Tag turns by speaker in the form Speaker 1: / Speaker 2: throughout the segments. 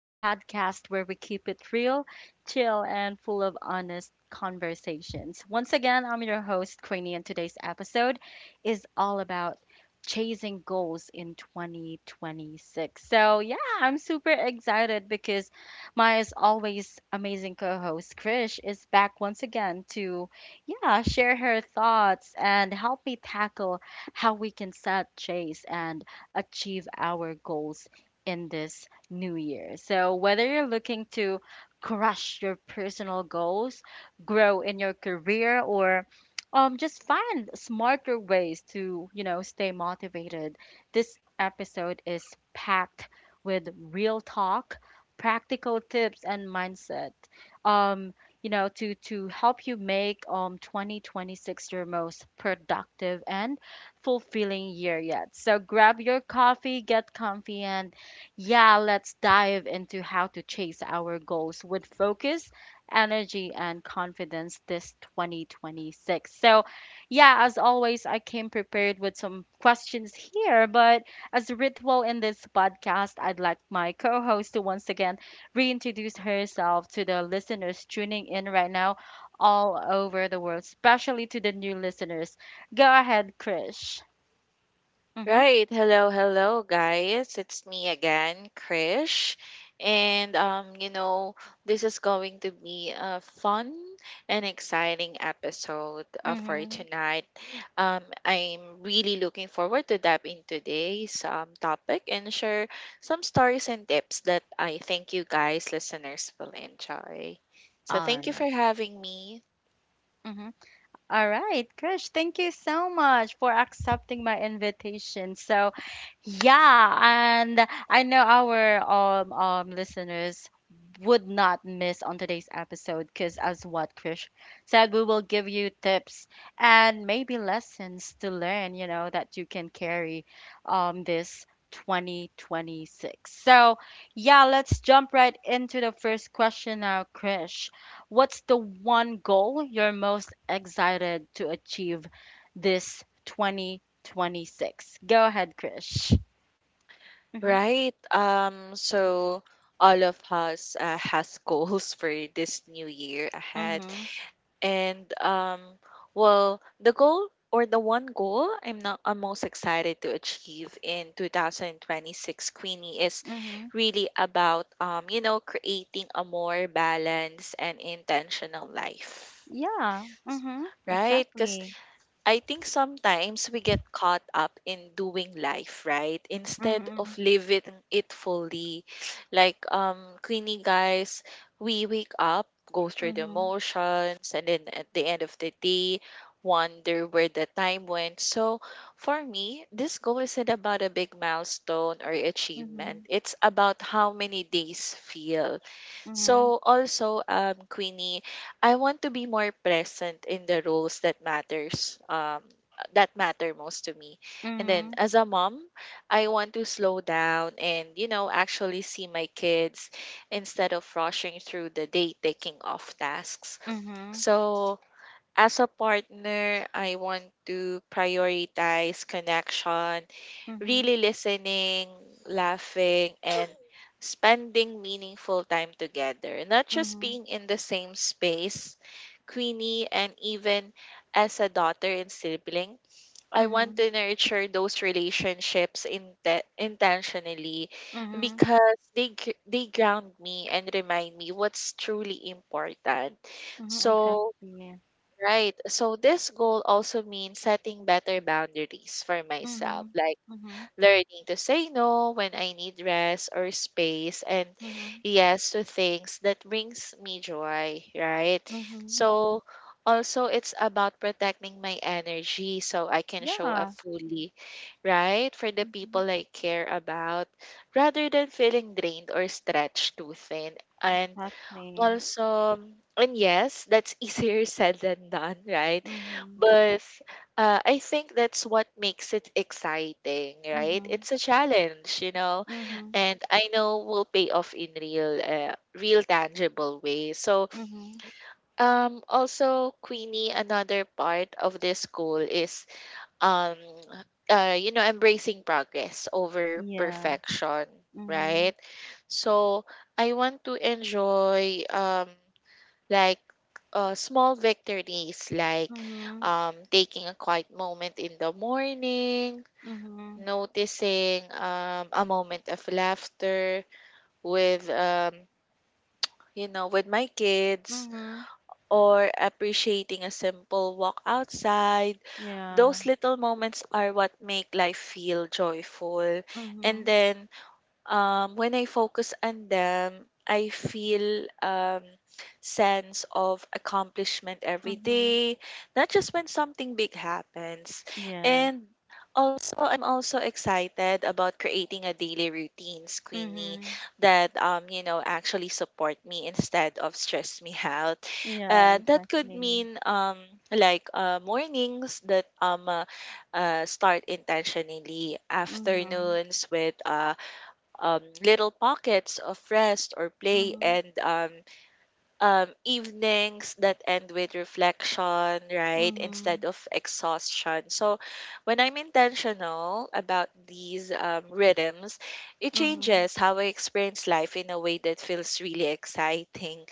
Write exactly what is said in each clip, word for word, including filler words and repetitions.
Speaker 1: the podcast where we keep it real, chill, and full of honest conversations. Once again, I'm your host, Queenie, and today's episode is all about chasing goals in twenty twenty-six. So, yeah, I'm super excited because my as always amazing co host, Krish, is back once again to, yeah, share her thoughts and help me tackle how we can set, chase, and achieve our goals in this new year. So, whether you're looking to crush your personal goals, grow in your career, or um, just find smarter ways to, you know, stay motivated, this episode is packed with real talk, practical tips, and mindset. Um, you know, to to help you make um twenty twenty-six your most productive and fulfilling year yet. So grab your coffee, get comfy, and yeah, let's dive into how to chase our goals with focus, energy, and confidence this twenty twenty-six. So, yeah, as always, I came prepared with some questions here, but as a ritual in this podcast, I'd like my co host to once again reintroduce herself to the listeners tuning in right now all over the world, especially to the new listeners. Go ahead, Krish. Mm-hmm.
Speaker 2: Right. Hello, hello, guys. It's me again, Krish. And, um, you know, this is going to be a fun and exciting episode uh, for
Speaker 1: Mm-hmm.
Speaker 2: tonight. Um, I'm really looking forward to dive into today's um, topic and share some stories and tips that I think you guys, listeners, will enjoy. So,
Speaker 1: All
Speaker 2: thank you for
Speaker 1: right.
Speaker 2: having me.
Speaker 1: Mm-hmm. All right, Krish, thank you so much for accepting my invitation. So, yeah, and I know our um, um listeners would not miss on today's episode because, as what Krish said, we will give you tips and maybe lessons to learn, you know, that you can carry um this twenty twenty-six. So, yeah, let's jump right into the first question now, Krish. What's the one goal you're most excited to achieve this twenty twenty-six? Go ahead, Krish. Mm-hmm.
Speaker 2: Right. Um, so all of us uh, has goals for this new year ahead.
Speaker 1: Mm-hmm.
Speaker 2: And um, well, the goal or the one goal I'm not I'm most excited to achieve in twenty twenty-six, Queenie, is
Speaker 1: Mm-hmm.
Speaker 2: really about um, you know, creating a more balanced and intentional life.
Speaker 1: Yeah. Mm-hmm.
Speaker 2: Right? Because
Speaker 1: Exactly.
Speaker 2: I think sometimes we get caught up in doing life, right? Instead of
Speaker 1: Mm-hmm.
Speaker 2: living it fully. Like um Queenie guys, we wake up, go through the
Speaker 1: Mm-hmm.
Speaker 2: motions, and then at the end of the day, wonder where the time went. So for me, this goal isn't about a big milestone or achievement.
Speaker 1: Mm-hmm.
Speaker 2: It's about how many days feel.
Speaker 1: Mm-hmm.
Speaker 2: So also, um, Queenie, I want to be more present in the roles that matters, um, that matter most to me. And then
Speaker 1: Mm-hmm.
Speaker 2: as a mom, I want to slow down and, you know, actually see my kids instead of rushing through the day taking off tasks. So as a partner, I want to prioritize connection,
Speaker 1: Mm-hmm. Mm-hmm.
Speaker 2: really listening, laughing, and spending meaningful time together. Not just
Speaker 1: Mm-hmm.
Speaker 2: being in the same space, Queenie, and even as a daughter and sibling, I want
Speaker 1: Mm-hmm.
Speaker 2: to nurture those relationships inte intentionally
Speaker 1: Mm-hmm.
Speaker 2: because they gr- they ground me and remind me what's truly important.
Speaker 1: Mm-hmm.
Speaker 2: So,
Speaker 1: Exactly.
Speaker 2: right. So this goal also means setting better boundaries for myself.
Speaker 1: Mm-hmm.
Speaker 2: Like
Speaker 1: Mm-hmm.
Speaker 2: learning to say no when I need rest or space and
Speaker 1: Mm-hmm.
Speaker 2: yes to things that brings me joy, right?
Speaker 1: Mm-hmm.
Speaker 2: So also it's about protecting my energy so I can show up
Speaker 1: Yeah.
Speaker 2: fully, right? For the
Speaker 1: Mm-hmm.
Speaker 2: people I care about rather than feeling drained or stretched too thin. And
Speaker 1: Exactly.
Speaker 2: also, and yes, that's easier said than done, right?
Speaker 1: Mm-hmm.
Speaker 2: But uh, I think that's what makes it exciting, right?
Speaker 1: Mm-hmm.
Speaker 2: It's a challenge, you know,
Speaker 1: Mm-hmm.
Speaker 2: and I know will pay off in real, uh, real tangible way. So,
Speaker 1: Mm-hmm.
Speaker 2: um, also, Queenie, another part of this goal is, um, uh, you know, embracing progress over
Speaker 1: Yeah.
Speaker 2: perfection,
Speaker 1: Mhm.
Speaker 2: right? So, I want to enjoy, um like uh, small victories like
Speaker 1: Mhm.
Speaker 2: um, taking a quiet moment in the morning,
Speaker 1: Mhm.
Speaker 2: noticing um, a moment of laughter with um, you know with my kids
Speaker 1: Mhm.
Speaker 2: or appreciating a simple walk outside.
Speaker 1: Yeah.
Speaker 2: Those little moments are what make life feel joyful, and
Speaker 1: Mhm.
Speaker 2: then um, when I focus on them, I feel um, sense of accomplishment every
Speaker 1: Mhm.
Speaker 2: day, not just when something big happens.
Speaker 1: Yes.
Speaker 2: And also, I'm also excited about creating a daily routine, Queenie,
Speaker 1: Mhm.
Speaker 2: that um, you know actually support me instead of stress me out.
Speaker 1: Yeah,
Speaker 2: Uh, that could
Speaker 1: exactly.
Speaker 2: mean um, like uh, mornings that um uh, uh, start intentionally,
Speaker 1: Mhm.
Speaker 2: afternoons with uh, um, little pockets of rest or play,
Speaker 1: Mhm.
Speaker 2: and um, um, evenings that end with reflection, right? Instead
Speaker 1: Mhm.
Speaker 2: of exhaustion. So when I'm intentional about these um, rhythms, it
Speaker 1: Mhm.
Speaker 2: changes how I experience life in a way that feels really exciting.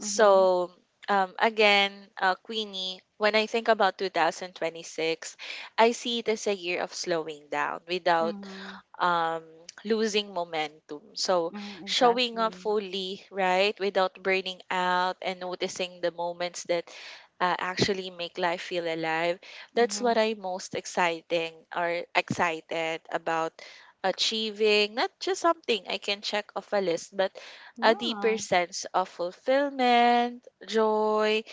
Speaker 1: Mhm.
Speaker 2: um, again, uh, Queenie, when I think about twenty twenty-six, I see it as a year of slowing down without
Speaker 1: Mhm.
Speaker 2: um, losing momentum. So
Speaker 1: Mhm.
Speaker 2: showing up
Speaker 1: Exactly.
Speaker 2: fully, right, without burning out and noticing the moments that uh, actually make life feel alive. That's what
Speaker 1: Mhm.
Speaker 2: I'm most exciting or excited about achieving, not just something I can check off a list, but a deeper
Speaker 1: Yeah.
Speaker 2: sense of fulfillment, joy,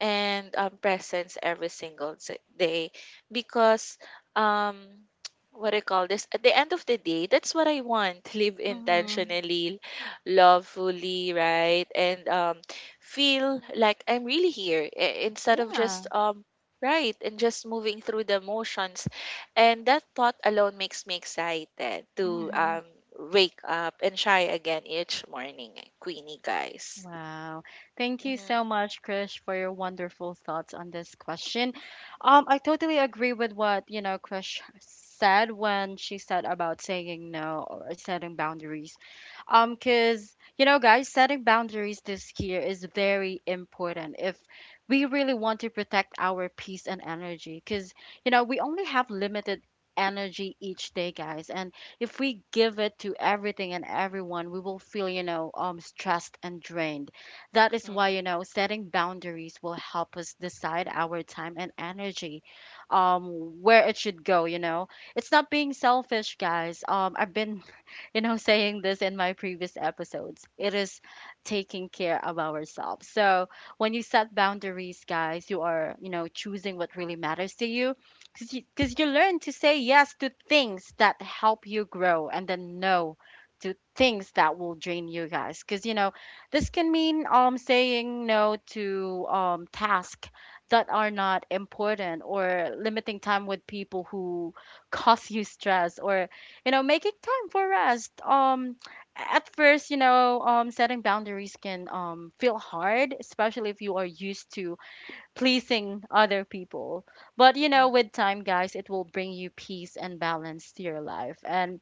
Speaker 2: and um, presence every single s- day because um what I call this, at the end of the day, that's what I want: live
Speaker 1: Mhm.
Speaker 2: intentionally, love fully, right? And um feel like I'm really here i- instead of just
Speaker 1: Yeah.
Speaker 2: um right and just moving through the motions. And that thought alone makes me excited to
Speaker 1: Mhm.
Speaker 2: um wake up and try again each morning, eh, Queenie guys.
Speaker 1: Wow. Thank you so
Speaker 2: Mm-hmm.
Speaker 1: much, Krish, for your wonderful thoughts on this question. Um, I totally agree with what, you know, Krish said when she said about saying no or setting boundaries. Um, because, you know, guys, setting boundaries this year is very important if we really want to protect our peace and energy. Because, you know, we only have limited energy each day, guys. And if we give it to everything and everyone, we will feel, you know, um, stressed and drained. That is why,
Speaker 2: Mm-hmm.
Speaker 1: you know, setting boundaries will help us decide our time and energy, um, where it should go, you know. It's not being selfish, guys. Um, I've been, you know, saying this in my previous episodes. It is taking care of ourselves. So when you set boundaries, guys, you are, you know, choosing what really matters to you because you, 'cause you learn to say yes to things that help you grow and then no to things that will drain you guys, because you know this can mean um saying no to um tasks that are not important, or limiting time with people who cause you stress, or you know, making time for rest. Um at first, you know, um setting boundaries can um feel hard, especially if you are used to pleasing other people. But you know, with time, guys, it will bring you peace and balance to your life. And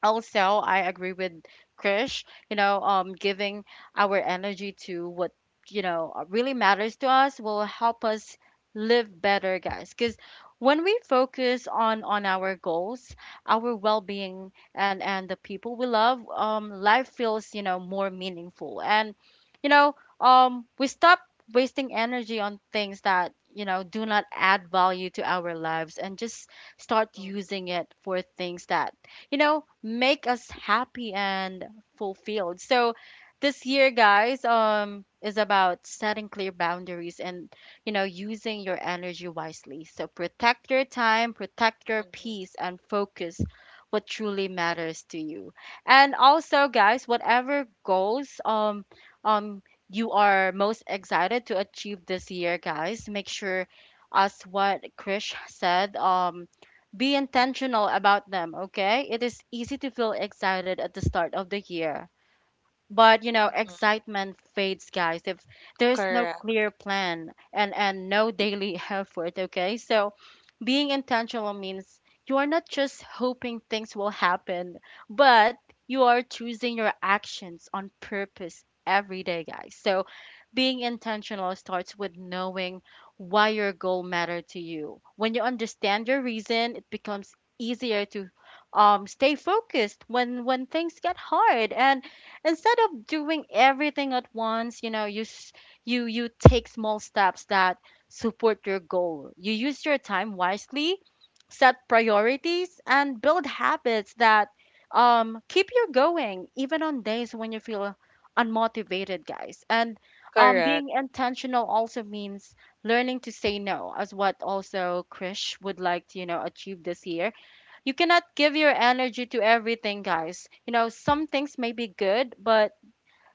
Speaker 1: also I agree with Krish, you know, um giving our energy to what you know, uh, really matters to us will help us live better, guys, because when we focus on on our goals, our well-being, and and the people we love, um life feels, you know, more meaningful, and you know, um we stop wasting energy on things that you know do not add value to our lives, and just start
Speaker 2: Mm-hmm.
Speaker 1: using it for things that you know, make us happy and fulfilled. So this year, guys, um, is about setting clear boundaries and, you know, using your energy wisely. So protect your time, protect your
Speaker 2: Mhm,
Speaker 1: peace, and focus what truly matters to you. And also, guys, whatever goals, um, um, you are most excited to achieve this year, guys, make sure as what Krish said, um, be
Speaker 2: mhm,
Speaker 1: intentional about them, okay? It is easy to feel excited at the start of the year. But you know,
Speaker 2: mhm.
Speaker 1: excitement fades, guys, if there's no
Speaker 2: Correct,
Speaker 1: clear plan, and and no daily effort, okay? So being intentional means you are not just hoping things will happen, but you are choosing your actions on purpose every day, guys. So being intentional starts with knowing why your goal matter to you. When you understand your reason, it becomes easier to um, stay focused when when things get hard, and instead of doing everything at once, you know, you s- you you take small steps that support your goal. You use your time wisely, set priorities, and build habits that um, keep you going, even on days when you feel unmotivated, guys. And um,
Speaker 2: correct,
Speaker 1: being intentional also means learning to say no, as what also Krish would like to, you know, achieve this year. You cannot give your energy to everything, guys. You know, some things may be good, but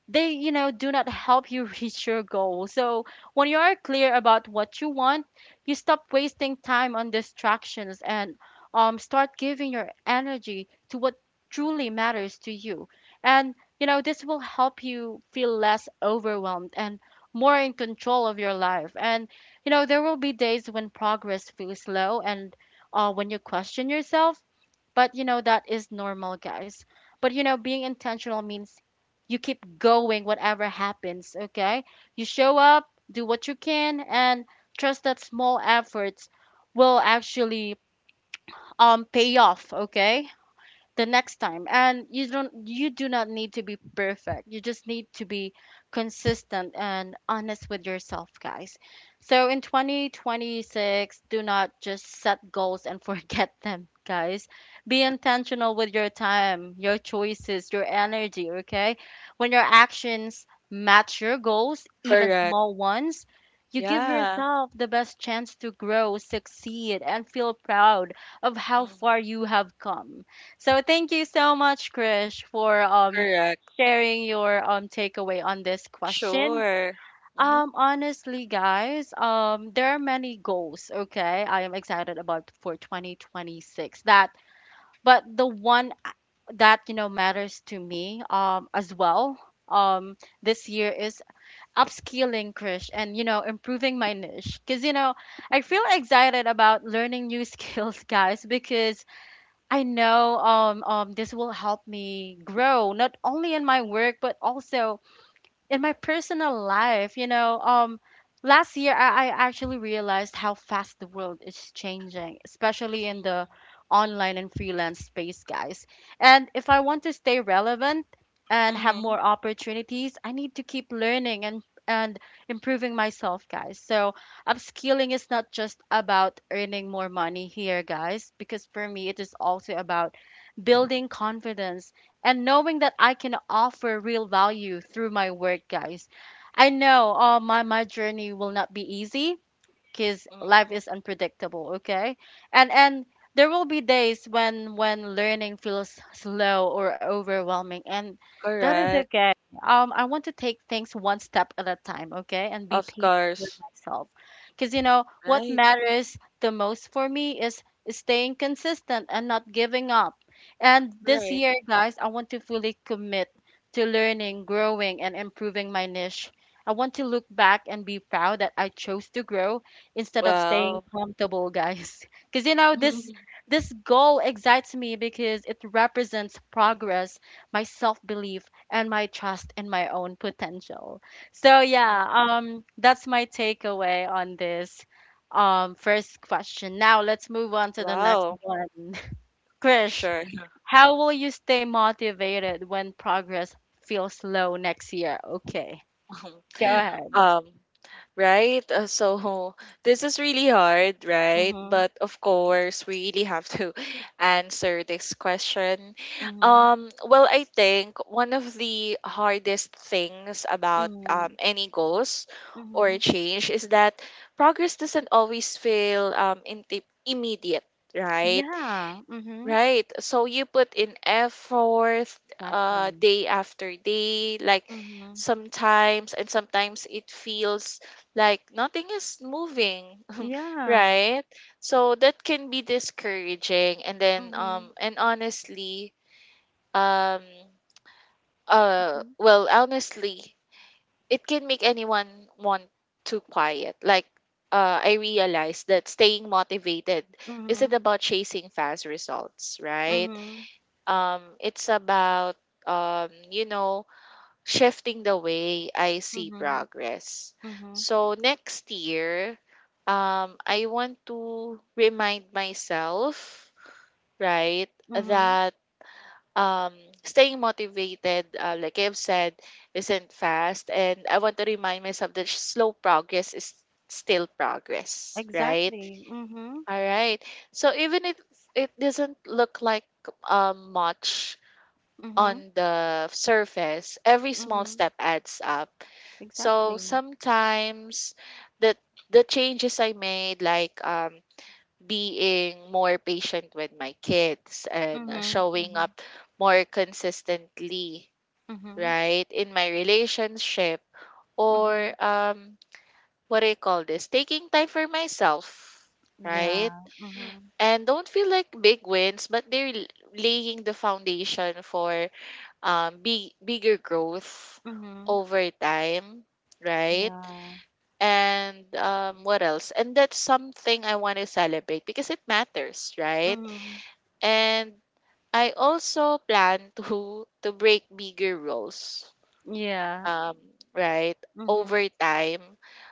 Speaker 1: they you know do not help you reach your goal. So when you are clear about what you want, you stop wasting time on distractions, and um, start giving your energy to what truly matters to you. And you know, this will help you feel less overwhelmed and more in control of your life. And you know, there will be days when progress feels slow, and uh, when you question yourself, but you know, that is normal, guys. But you know, being intentional means you keep going whatever happens, okay? You show up, do what you can, and trust that small efforts will actually um pay off, okay? The next time, and you don't you do not need to be perfect. You just need to be consistent and honest with yourself, guys. So in twenty twenty-six, do not just set goals and forget them, guys. Be intentional with your time, your choices, your energy, okay? When your actions match your goals, even
Speaker 2: correct.
Speaker 1: small ones, you give
Speaker 2: Yeah.
Speaker 1: yourself the best chance to grow, succeed, and feel proud of how far
Speaker 2: Mm-hmm.
Speaker 1: you have come. So thank you so much, Krish, for um
Speaker 2: Correct.
Speaker 1: sharing your um takeaway on this question.
Speaker 2: Sure. Mm-hmm.
Speaker 1: Um honestly, guys, um there are many goals, okay? I am excited about for twenty twenty-six. That but the one that you know matters to me um as well um this year is upskilling Krish, and you know, improving my niche, because you know I feel excited about learning new skills, guys, because I know um um this will help me grow not only in my work, but also in my personal life, you know. um, last year I, I actually realized how fast the world is changing, especially in the
Speaker 2: Mm-hmm.
Speaker 1: online and freelance space, guys. And if I want to stay relevant and have
Speaker 2: Mm-hmm.
Speaker 1: more opportunities, I need to keep learning, and and improving myself, guys. So upskilling is not just about earning more money here, guys, because for me it is also about building confidence and knowing that I can offer real value through my work, guys. I know uh, my, my journey will not be easy, because life
Speaker 2: Mm-hmm.
Speaker 1: is unpredictable, okay? And and there will be days when when learning feels slow or overwhelming, and that is
Speaker 2: Correct.
Speaker 1: okay. um I want to take things one step at a time, okay, and be
Speaker 2: Of
Speaker 1: patient with
Speaker 2: course.
Speaker 1: myself, because you know what
Speaker 2: Right.
Speaker 1: matters the most for me is staying consistent and not giving up. And this
Speaker 2: Right.
Speaker 1: year, guys, I want to fully commit to learning, growing, and improving my niche. I want to look back and be proud that I chose to grow instead of staying
Speaker 2: Wow.
Speaker 1: comfortable, guys. Because you know, this this goal excites me because it represents progress, my self-belief, and my trust in my own potential. So
Speaker 2: Mm-hmm.
Speaker 1: yeah, um, that's my takeaway on this um first question. Now let's move on to the next
Speaker 2: Wow.
Speaker 1: one. Krish,
Speaker 2: Sure.
Speaker 1: how will you stay motivated when progress feels slow next year? Okay, go ahead.
Speaker 2: Um, right? Uh, so this is really hard, right?
Speaker 1: Mhm.
Speaker 2: But of course, we really have to answer this question.
Speaker 1: Mhm.
Speaker 2: Um, well, I think one of the hardest things about um,
Speaker 1: Mhm.
Speaker 2: any goals or
Speaker 1: Mhm.
Speaker 2: change is that progress doesn't always feel um, in immediate, right?
Speaker 1: Yeah. Mhm.
Speaker 2: Right. So you put in effort uh
Speaker 1: Exactly.
Speaker 2: day after day, like
Speaker 1: Mhm.
Speaker 2: sometimes and sometimes it feels like nothing is moving,
Speaker 1: Yeah.
Speaker 2: right? So that can be discouraging, and then um
Speaker 1: Mhm.
Speaker 2: and honestly um uh
Speaker 1: Mhm.
Speaker 2: well honestly, it can make anyone want to quiet. Like uh I realized that staying motivated isn't
Speaker 1: Mhm.
Speaker 2: about chasing fast results, right?
Speaker 1: Mhm.
Speaker 2: Um it's about um you know shifting the way I see
Speaker 1: Mhm.
Speaker 2: progress.
Speaker 1: Mhm.
Speaker 2: So next year, um I want to remind myself, right,
Speaker 1: Mhm.
Speaker 2: that um staying motivated, uh, like I've said, isn't fast, and I want to remind myself that slow progress is still progress, right?
Speaker 1: Exactly. Mhm.
Speaker 2: All right. So even if it doesn't look like um much
Speaker 1: Mhm.
Speaker 2: on the surface, every small
Speaker 1: Mhm.
Speaker 2: step adds up. So
Speaker 1: Exactly.
Speaker 2: sometimes the the changes I made, like um, being more patient with my kids and uh,
Speaker 1: Mhm.
Speaker 2: showing
Speaker 1: Mhm.
Speaker 2: up more consistently,
Speaker 1: Mhm.
Speaker 2: right, in my relationship, or
Speaker 1: Mhm.
Speaker 2: um, what do you call this? Taking time for myself, right?
Speaker 1: Yeah. Mhm.
Speaker 2: And don't feel like big wins, but they're l- laying the foundation for um big bigger growth
Speaker 1: Mhm.
Speaker 2: over time, right?
Speaker 1: Yeah.
Speaker 2: And um what else and that's something I want to celebrate because it matters, right?
Speaker 1: Mhm.
Speaker 2: And I also plan to to break bigger roles,
Speaker 1: Yeah.
Speaker 2: um right
Speaker 1: Mhm.
Speaker 2: over time,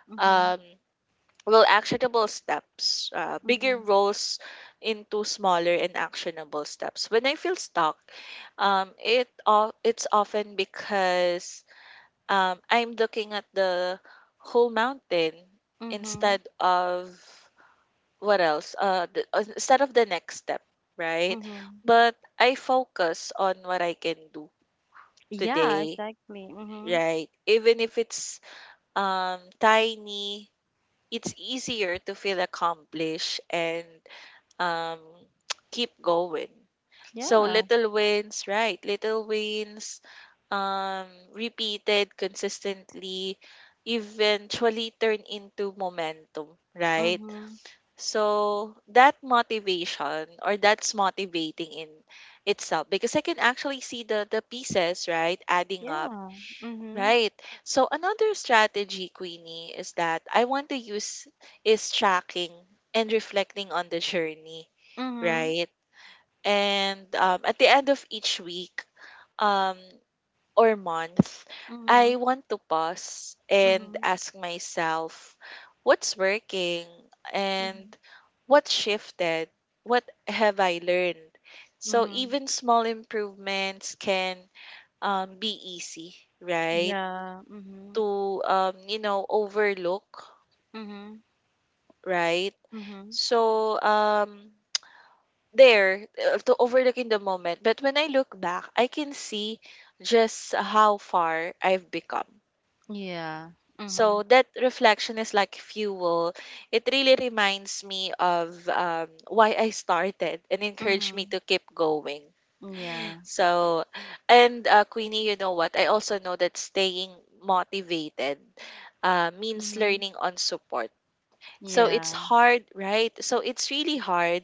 Speaker 1: Mhm.
Speaker 2: um well actionable steps uh, bigger
Speaker 1: Mhm.
Speaker 2: roles into smaller and actionable steps. When I feel stuck, um it all it's often because um, I'm looking at the whole mountain
Speaker 1: Mhm.
Speaker 2: instead of what else? Uh, the, uh, instead of the next step, right?
Speaker 1: Mhm.
Speaker 2: But I focus on what I can do
Speaker 1: Yeah.
Speaker 2: today,
Speaker 1: Exactly. Mhm.
Speaker 2: right? Even if it's um tiny, it's easier to feel accomplished and um keep going. So
Speaker 1: Yeah.
Speaker 2: little wins, right? Little wins, um, repeated consistently, eventually turn into momentum, right?
Speaker 1: Mhm.
Speaker 2: So that motivation, or that's motivating in itself because I can actually see the the pieces, right, adding up.
Speaker 1: Yeah. Mhm.
Speaker 2: Right. So another strategy, Queenie, is that I want to use is tracking and reflecting on the journey,
Speaker 1: Mhm.
Speaker 2: right? And um, at the end of each week um, or month, I
Speaker 1: Mhm,
Speaker 2: want to pause and
Speaker 1: mhm,
Speaker 2: ask myself, what's working and
Speaker 1: mhm,
Speaker 2: what shifted? What have I learned? So
Speaker 1: mhm.
Speaker 2: even small improvements can um, be easy, right?
Speaker 1: Yeah, mhm,
Speaker 2: To um, you know overlook,
Speaker 1: mhm,
Speaker 2: right?
Speaker 1: mhm.
Speaker 2: So um, there uh, to overlook in the moment. But when I look back, I can see just how far I've become.
Speaker 1: Yeah,
Speaker 2: So
Speaker 1: mhm,
Speaker 2: that reflection is like fuel. It really reminds me of um, why I started and encouraged me
Speaker 1: mhm.
Speaker 2: to keep going.
Speaker 1: Yeah,
Speaker 2: So, and uh, Queenie, you know what? I also know that staying motivated uh, means
Speaker 1: mhm,
Speaker 2: learning on support. So it's
Speaker 1: yeah,
Speaker 2: hard, right? So it's really hard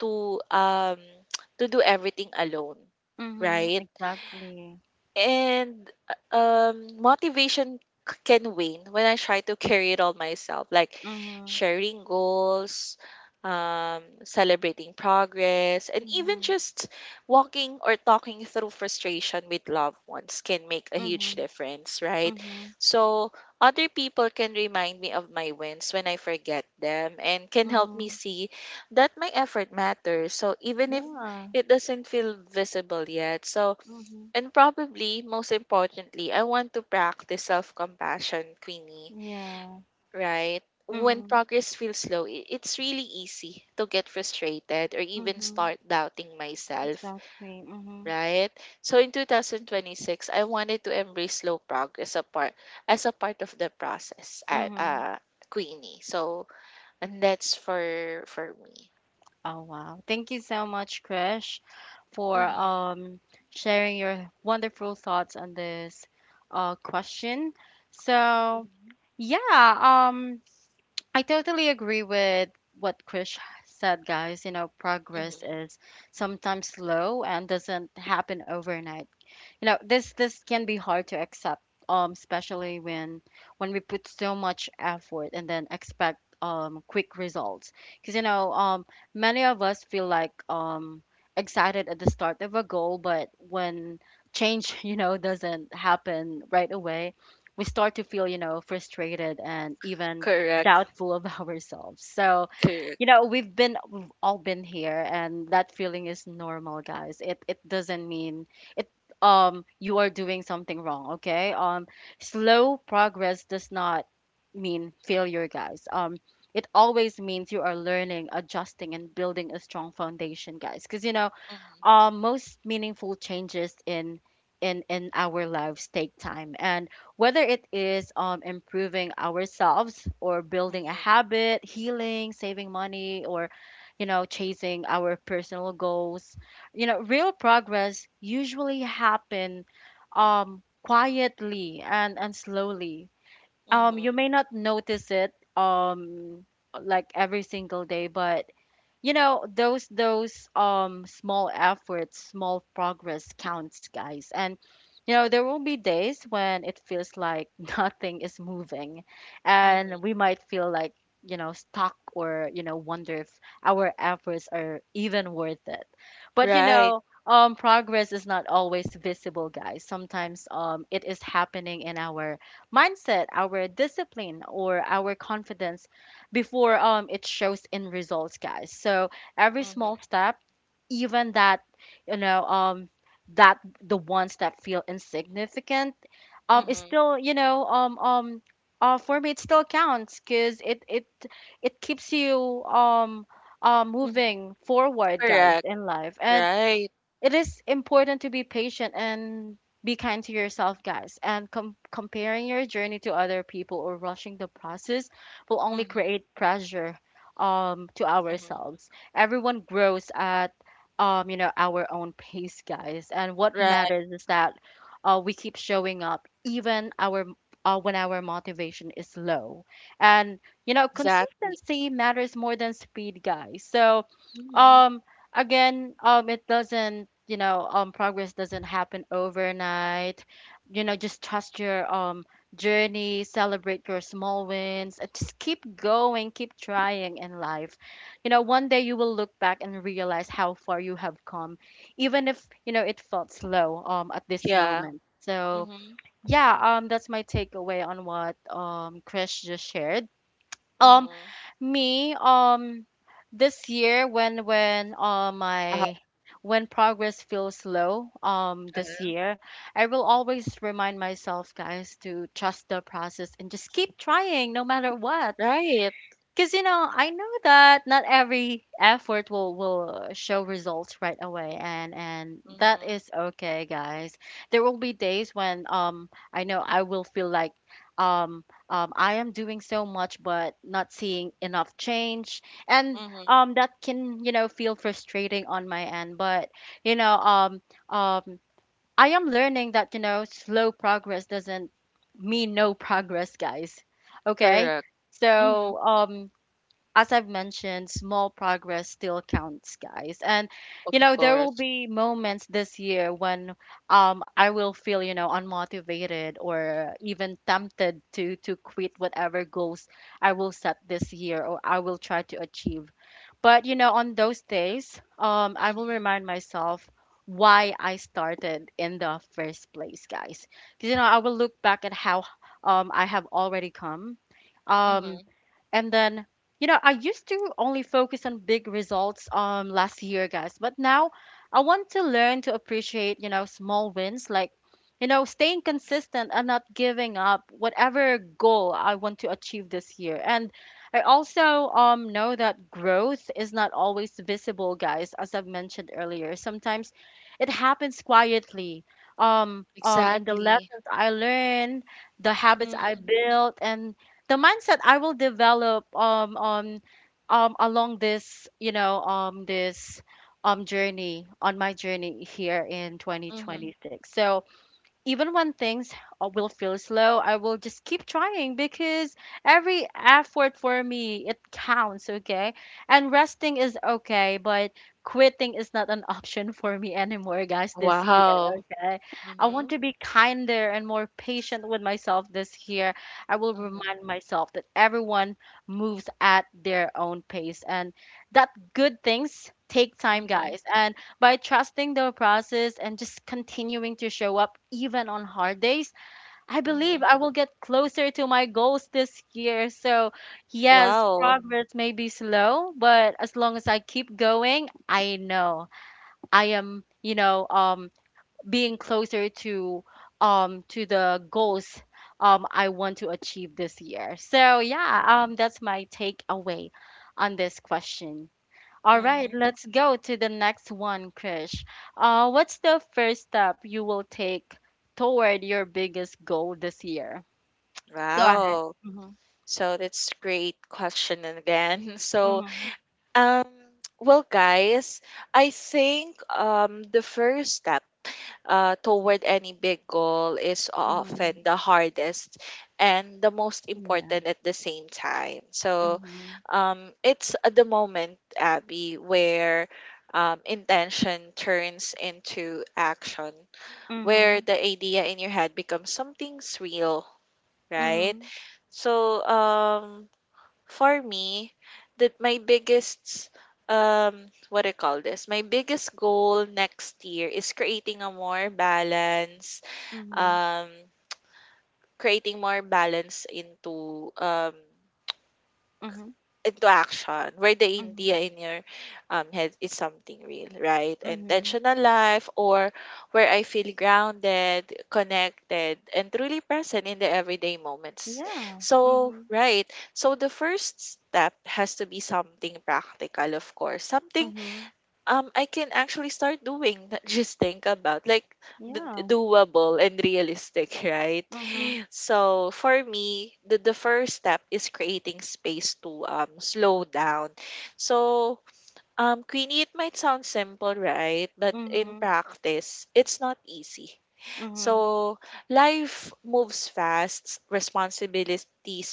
Speaker 2: to um to do everything alone,
Speaker 1: mhm.
Speaker 2: right?
Speaker 1: Exactly.
Speaker 2: And, uh, um, Motivation c- can wane when I try to carry it all myself, like
Speaker 1: Mhm,
Speaker 2: sharing goals, um, celebrating progress, and even
Speaker 1: mhm,
Speaker 2: just walking or talking through frustration with loved ones can make a
Speaker 1: mhm,
Speaker 2: huge difference, right?
Speaker 1: mhm,
Speaker 2: So other people can remind me of my wins when I forget them and can help me
Speaker 1: mhm.
Speaker 2: see that my effort matters. So, even if
Speaker 1: Yeah,
Speaker 2: it doesn't feel visible yet. So,
Speaker 1: mhm,
Speaker 2: and probably most importantly, I want to practice self compassion, Queenie,
Speaker 1: yeah,
Speaker 2: right? When
Speaker 1: mhm,
Speaker 2: progress feels slow, i- it's really easy to get frustrated or even
Speaker 1: mhm.
Speaker 2: start doubting myself,
Speaker 1: Exactly. Mhm,
Speaker 2: right? So in twenty twenty-six, I wanted to embrace slow progress apart as a part of the process, uh,
Speaker 1: mhm.
Speaker 2: uh, Queenie. So, and that's for for me.
Speaker 1: Oh wow. Thank you so much, Krish, for
Speaker 2: Mm-hmm,
Speaker 1: um sharing your wonderful thoughts on this uh question. So,
Speaker 2: mm-hmm,
Speaker 1: yeah, um I totally agree with what Krish said, guys. You know, progress
Speaker 2: mm-hmm.
Speaker 1: is sometimes slow and doesn't happen overnight. You know, this this can be hard to accept, um especially when when we put so much effort and then expect um quick results. Because you know, um many of us feel like um excited at the start of a goal, but when change you know doesn't happen right away, we start to feel, you know, frustrated and even
Speaker 2: Correct.
Speaker 1: doubtful of ourselves. So
Speaker 2: Correct.
Speaker 1: you know, we've been we've all been here, and that feeling is normal, guys. It it doesn't mean it um you are doing something wrong, okay? Um slow progress does not mean failure, guys. Um it always means you are learning, adjusting, and building a strong foundation, guys. Because you know,
Speaker 2: Mm-hmm.
Speaker 1: um, most meaningful changes in in in our lives take time. And whether it is, um, improving ourselves or building a
Speaker 2: Mm-hmm.
Speaker 1: habit, healing, saving money, or you know, chasing our personal goals, you know, real progress usually happen um, quietly and and slowly. Um, you
Speaker 2: Mm-hmm.
Speaker 1: may not notice it, um, like every single day, but you know, those those um small efforts, small progress counts, guys. And you know, there will be days when it feels like nothing is moving,
Speaker 2: Mm-hmm.
Speaker 1: and we might feel like, you know, stuck, or you know, wonder if our efforts are even worth it. But you
Speaker 2: Right.
Speaker 1: know, um progress is not always visible, guys. Sometimes um it is happening in our mindset, our discipline, or our confidence before um it shows in results, guys. So every
Speaker 2: Mhm,
Speaker 1: small step, even that, you know um that the ones that feel insignificant, um is
Speaker 2: mhm,
Speaker 1: still, you know um um uh, for me, it still counts, because it it it keeps you um uh,
Speaker 2: mhm.
Speaker 1: moving forward, guys,
Speaker 2: Correct.
Speaker 1: in life. And
Speaker 2: Right.
Speaker 1: it is important to be patient and be kind to yourself, guys. And com- comparing your journey to other people or rushing the process will only
Speaker 2: Mhm,
Speaker 1: create pressure, um, to
Speaker 2: mhm.
Speaker 1: ourselves. Everyone grows at um, you know, our own pace, guys. And what
Speaker 2: Right.
Speaker 1: matters is that, uh, we keep showing up, even our uh, when our motivation is low. And you know,
Speaker 2: Exactly.
Speaker 1: consistency matters more than speed, guys. So
Speaker 2: Mhm.
Speaker 1: um again, um, it doesn't, you know, um, progress doesn't happen overnight. You know, just trust your um journey, celebrate your small wins, and just keep going, keep trying in life. You know, one day you will look back and realize how far you have come, even if, you know, it felt slow um at this
Speaker 2: Yeah.
Speaker 1: moment. So
Speaker 2: Mhm,
Speaker 1: yeah, um, that's my takeaway on what um Chris just shared. Um,
Speaker 2: mhm.
Speaker 1: me, um, this year, when when uh,
Speaker 2: Uh-huh.
Speaker 1: my when progress feels slow, um, this
Speaker 2: Uh-huh.
Speaker 1: year, I will always remind myself, guys, to trust the process and just keep trying, no matter what.
Speaker 2: Right.
Speaker 1: Because, you know, I know that not every effort will will show results right away, and and that
Speaker 2: Mhm,
Speaker 1: is okay, guys. There will be days when, um I know I will feel like um um I am doing so much but not seeing enough change, and
Speaker 2: mhm.
Speaker 1: um that can, you know, feel frustrating on my end. But, you know, um um I am learning that, you know, slow progress doesn't mean no progress, guys. Okay?
Speaker 2: Correct. Mhm.
Speaker 1: So, um as I've mentioned, small progress still counts, guys. And
Speaker 2: Of
Speaker 1: you know, there will
Speaker 2: course.
Speaker 1: be moments this year when, um I will feel, you know, unmotivated or even tempted to to quit whatever goals I will set this year or I will try to achieve. But you know, on those days, um I will
Speaker 2: Mhm,
Speaker 1: remind myself why I started in the first place, guys. Because you know, I will look back at how, um I have already come. Um
Speaker 2: mhm.
Speaker 1: and then, you know, I used to only focus on big results um last year, guys, but now I want to learn to appreciate, you know, small wins, like, you know, staying consistent and not giving up whatever goal I want to achieve this year. And I also um know that growth is not always visible, guys, as I've mentioned earlier. Sometimes it happens quietly. Um um and the
Speaker 2: Exactly.
Speaker 1: lessons I learn, the habits I
Speaker 2: Mhm,
Speaker 1: built, and the mindset I will develop, um um um along this, you know um this um journey on my journey here in Mm.
Speaker 2: mhm.
Speaker 1: twenty twenty-six. So even when things, uh, will feel slow, I will just keep trying, because every effort for me, it counts, okay? And resting is okay, but quitting is not an option for me anymore, guys, this year,
Speaker 2: Wow.
Speaker 1: okay? I want
Speaker 2: Mhm,
Speaker 1: to be kinder and more patient with myself this year. I will
Speaker 2: mhm,
Speaker 1: remind myself that everyone moves at their own pace and that good things take time,
Speaker 2: mhm,
Speaker 1: guys. And by trusting the process and just continuing to show up even on hard days, I believe
Speaker 2: mhm.
Speaker 1: I will get closer to my goals this year. So, yes,
Speaker 2: Wow.
Speaker 1: progress may be slow, but as long as I keep going, I know I am, you know, um being closer to um to the goals, um I want to achieve this year. So, yeah, um that's my takeaway on this question. All right,
Speaker 2: Mhm.
Speaker 1: let's go to the next one, Krish. Uh, what's the first step you will take toward your biggest goal this year? Go ahead.
Speaker 2: Wow.
Speaker 1: Mm-hmm.
Speaker 2: So that's great question again. So
Speaker 1: Mm-hmm.
Speaker 2: Um, well, Guys, I think um, the first step uh, toward any big goal is
Speaker 1: Mm-hmm.
Speaker 2: often the hardest and the most
Speaker 1: Yeah.
Speaker 2: important at the same time. So
Speaker 1: Mm-hmm.
Speaker 2: um, it's at the moment, Abby, where um, intention turns into action,
Speaker 1: Mm-hmm.
Speaker 2: where the idea in your head becomes something's real, right?
Speaker 1: Mm-hmm.
Speaker 2: So um, for me, that my biggest um what do you call this? My biggest goal next year is creating a more balance,
Speaker 1: Mm-hmm.
Speaker 2: um creating more balance into um
Speaker 1: Mm-hmm.
Speaker 2: into action where the
Speaker 1: Mm-hmm.
Speaker 2: idea in your um, head is something real, right?
Speaker 1: Mm-hmm.
Speaker 2: intentional life, or where I feel grounded, connected, and truly present in the everyday moments.
Speaker 1: Yeah.
Speaker 2: So,
Speaker 1: Mm-hmm.
Speaker 2: right. So the first step has to be something practical, of course. Something
Speaker 1: Mm-hmm.
Speaker 2: um I can actually start doing, not just think about, like d-
Speaker 1: Yeah.
Speaker 2: doable and realistic, right?
Speaker 1: Mm-hmm.
Speaker 2: So for me, the, the first step is creating space to um slow down. So um Queenie, it might sound simple, right? But in
Speaker 1: Mm-hmm.
Speaker 2: practice, it's not easy.
Speaker 1: Mm-hmm.
Speaker 2: So life moves fast, responsibilities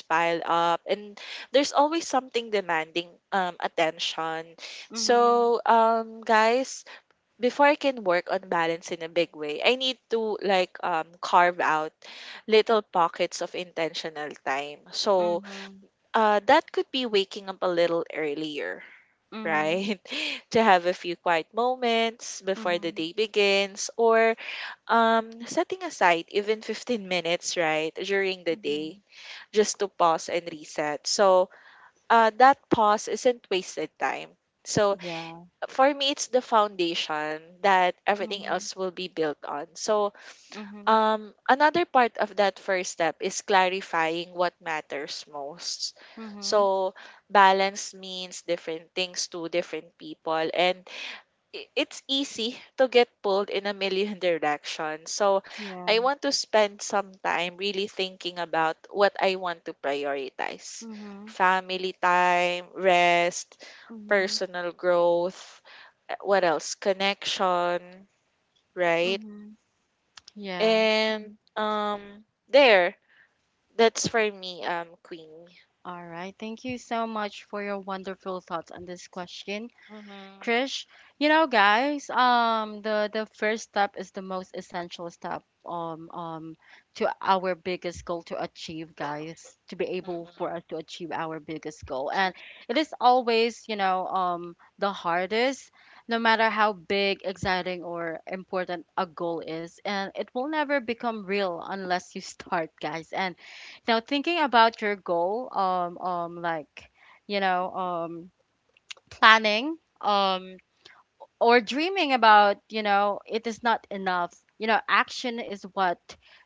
Speaker 2: pile up, and there's always something demanding um attention.
Speaker 1: Mm-hmm.
Speaker 2: So um guys, before I can work on balance in a big way, I need to like um carve out little pockets of intentional time. So
Speaker 1: Mm-hmm.
Speaker 2: uh that could be waking up a little earlier,
Speaker 1: Mm-hmm.
Speaker 2: right? To have a few quiet moments before the
Speaker 1: Mm-hmm.
Speaker 2: day begins, or um setting aside even fifteen minutes, right, during the
Speaker 1: Mm-hmm.
Speaker 2: day just to pause and reset. So uh that pause isn't wasted time. So
Speaker 1: Yeah.
Speaker 2: for me it's the foundation that everything
Speaker 1: Mm-hmm.
Speaker 2: else will be built on. So
Speaker 1: Mm-hmm.
Speaker 2: um another part of that first step is clarifying what matters most.
Speaker 1: Mm-hmm.
Speaker 2: So balance means different things to different people, and i- it's easy to get pulled in a million directions. So
Speaker 1: Yeah.
Speaker 2: I want to spend some time really thinking about what I want to prioritize.
Speaker 1: Mm-hmm.
Speaker 2: Family time, rest,
Speaker 1: Mhm.
Speaker 2: personal growth, uh, what else? Connection, right?
Speaker 1: Mhm. Yeah.
Speaker 2: And
Speaker 1: Mhm.
Speaker 2: um there, that's for me, um, Queenie.
Speaker 1: All right. Thank you so much for your wonderful thoughts on this question,
Speaker 2: Mm-hmm.
Speaker 1: Krish. You know, guys, um, the the first step is the most essential step, um um to our biggest goal to achieve, guys, to be able
Speaker 2: Mm-hmm.
Speaker 1: for us to achieve our biggest goal. And it is always, you know, um, the hardest, no matter how big, exciting, or important a goal is, and it will never become real unless you start, guys. And now thinking about your goal, um, um, like, you know, um, planning, um or dreaming about, you know, it is not enough. You know, action is what,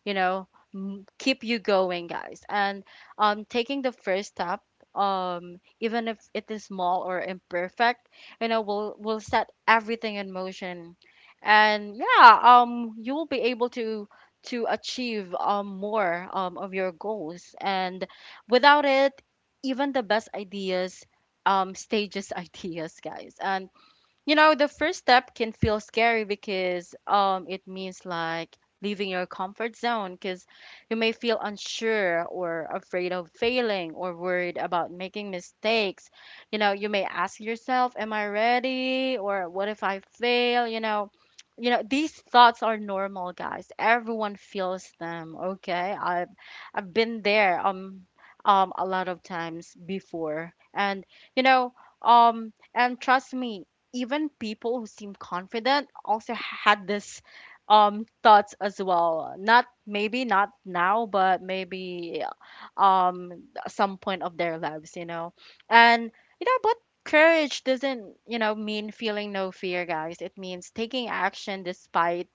Speaker 1: you know, m- keep you going, guys. And um taking the first step, um even if it is small or imperfect, you know, will will set everything in motion. And yeah, um you will be able to to achieve, um more, um of your goals. And without it, even the best ideas, um stages ideas, guys. And you know, the first step can feel scary, because um it means like leaving your comfort zone, because you may feel unsure or afraid of failing or worried about making mistakes. You know, you may ask yourself, am I ready? Or what if I fail? You know, you know, these thoughts are normal, guys. Everyone feels them, okay? I've I've been there, um um a lot of times before. And you know, um and trust me, even people who seem confident also had this, um thoughts as well, not maybe not now, but maybe, um some point of their lives, you know. And you know, but courage doesn't, you know, mean feeling no fear, guys. It means taking action despite,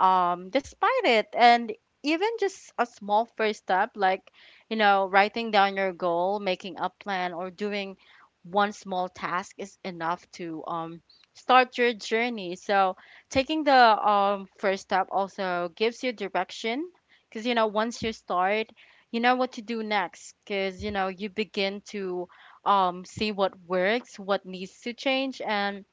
Speaker 1: um despite it. And even just a small first step, like, you know, writing down your goal, making a plan, or doing one small task is enough to, um start your journey. So taking the, um first step also gives you direction, because you know, once you start, you know what to do next, because you know, you begin to, um see what works, what needs to change, and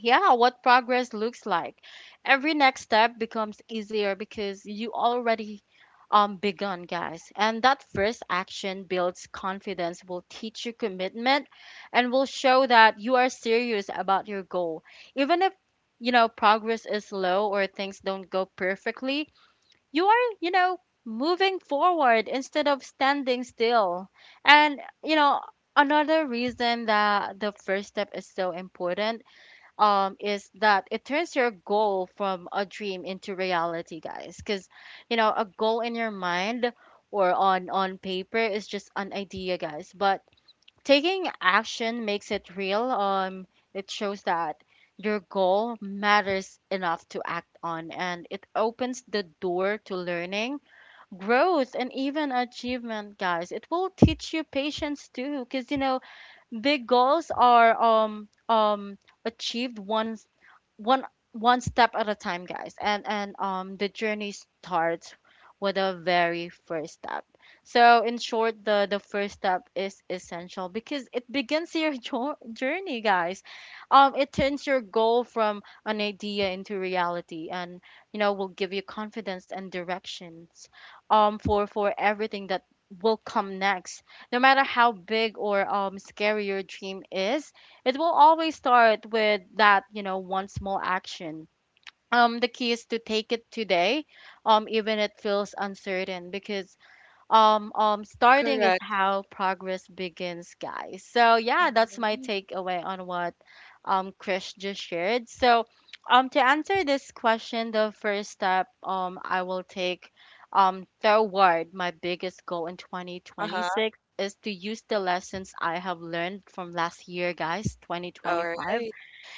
Speaker 1: yeah, what progress looks like. Every next step becomes easier, because you already, um begun, guys. And that first action builds confidence, will teach you commitment, and will show that you are serious about your goal, even if, you know, progress is slow or things don't go perfectly, you are, you know, moving forward instead of standing still. And you know, another reason that the first step is so important, um is that it turns your goal from a dream into reality, guys. Because you know, a goal in your mind or on on paper is just an idea, guys, but taking action makes it real. Um, it shows that your goal matters enough to act on, and it opens the door to learning, growth, and even achievement, guys. It will teach you patience too, because you know, big goals are, um um achieved one one one step at a time, guys. And and um the journey starts with a very first step. So in short, the the first step is essential because it begins your jo- journey, guys. Um, it turns your goal from an idea into reality, and you know, will give you confidence and directions, um, for for everything that will come next. No matter how big or, um scary your dream is, it will always start with that, you know, one small action. Um, the key is to take it today, um, even it feels uncertain because um um starting is
Speaker 2: Correct.
Speaker 1: how progress begins, guys. So yeah, that's my
Speaker 2: Mm-hmm.
Speaker 1: takeaway on what um Chris just shared. So um to answer this question, the first step um I will take um toward my biggest goal in
Speaker 2: Uh-huh.
Speaker 1: twenty twenty-six is to use the lessons I have learned from last year, guys,
Speaker 2: All
Speaker 1: twenty twenty-five,
Speaker 2: right.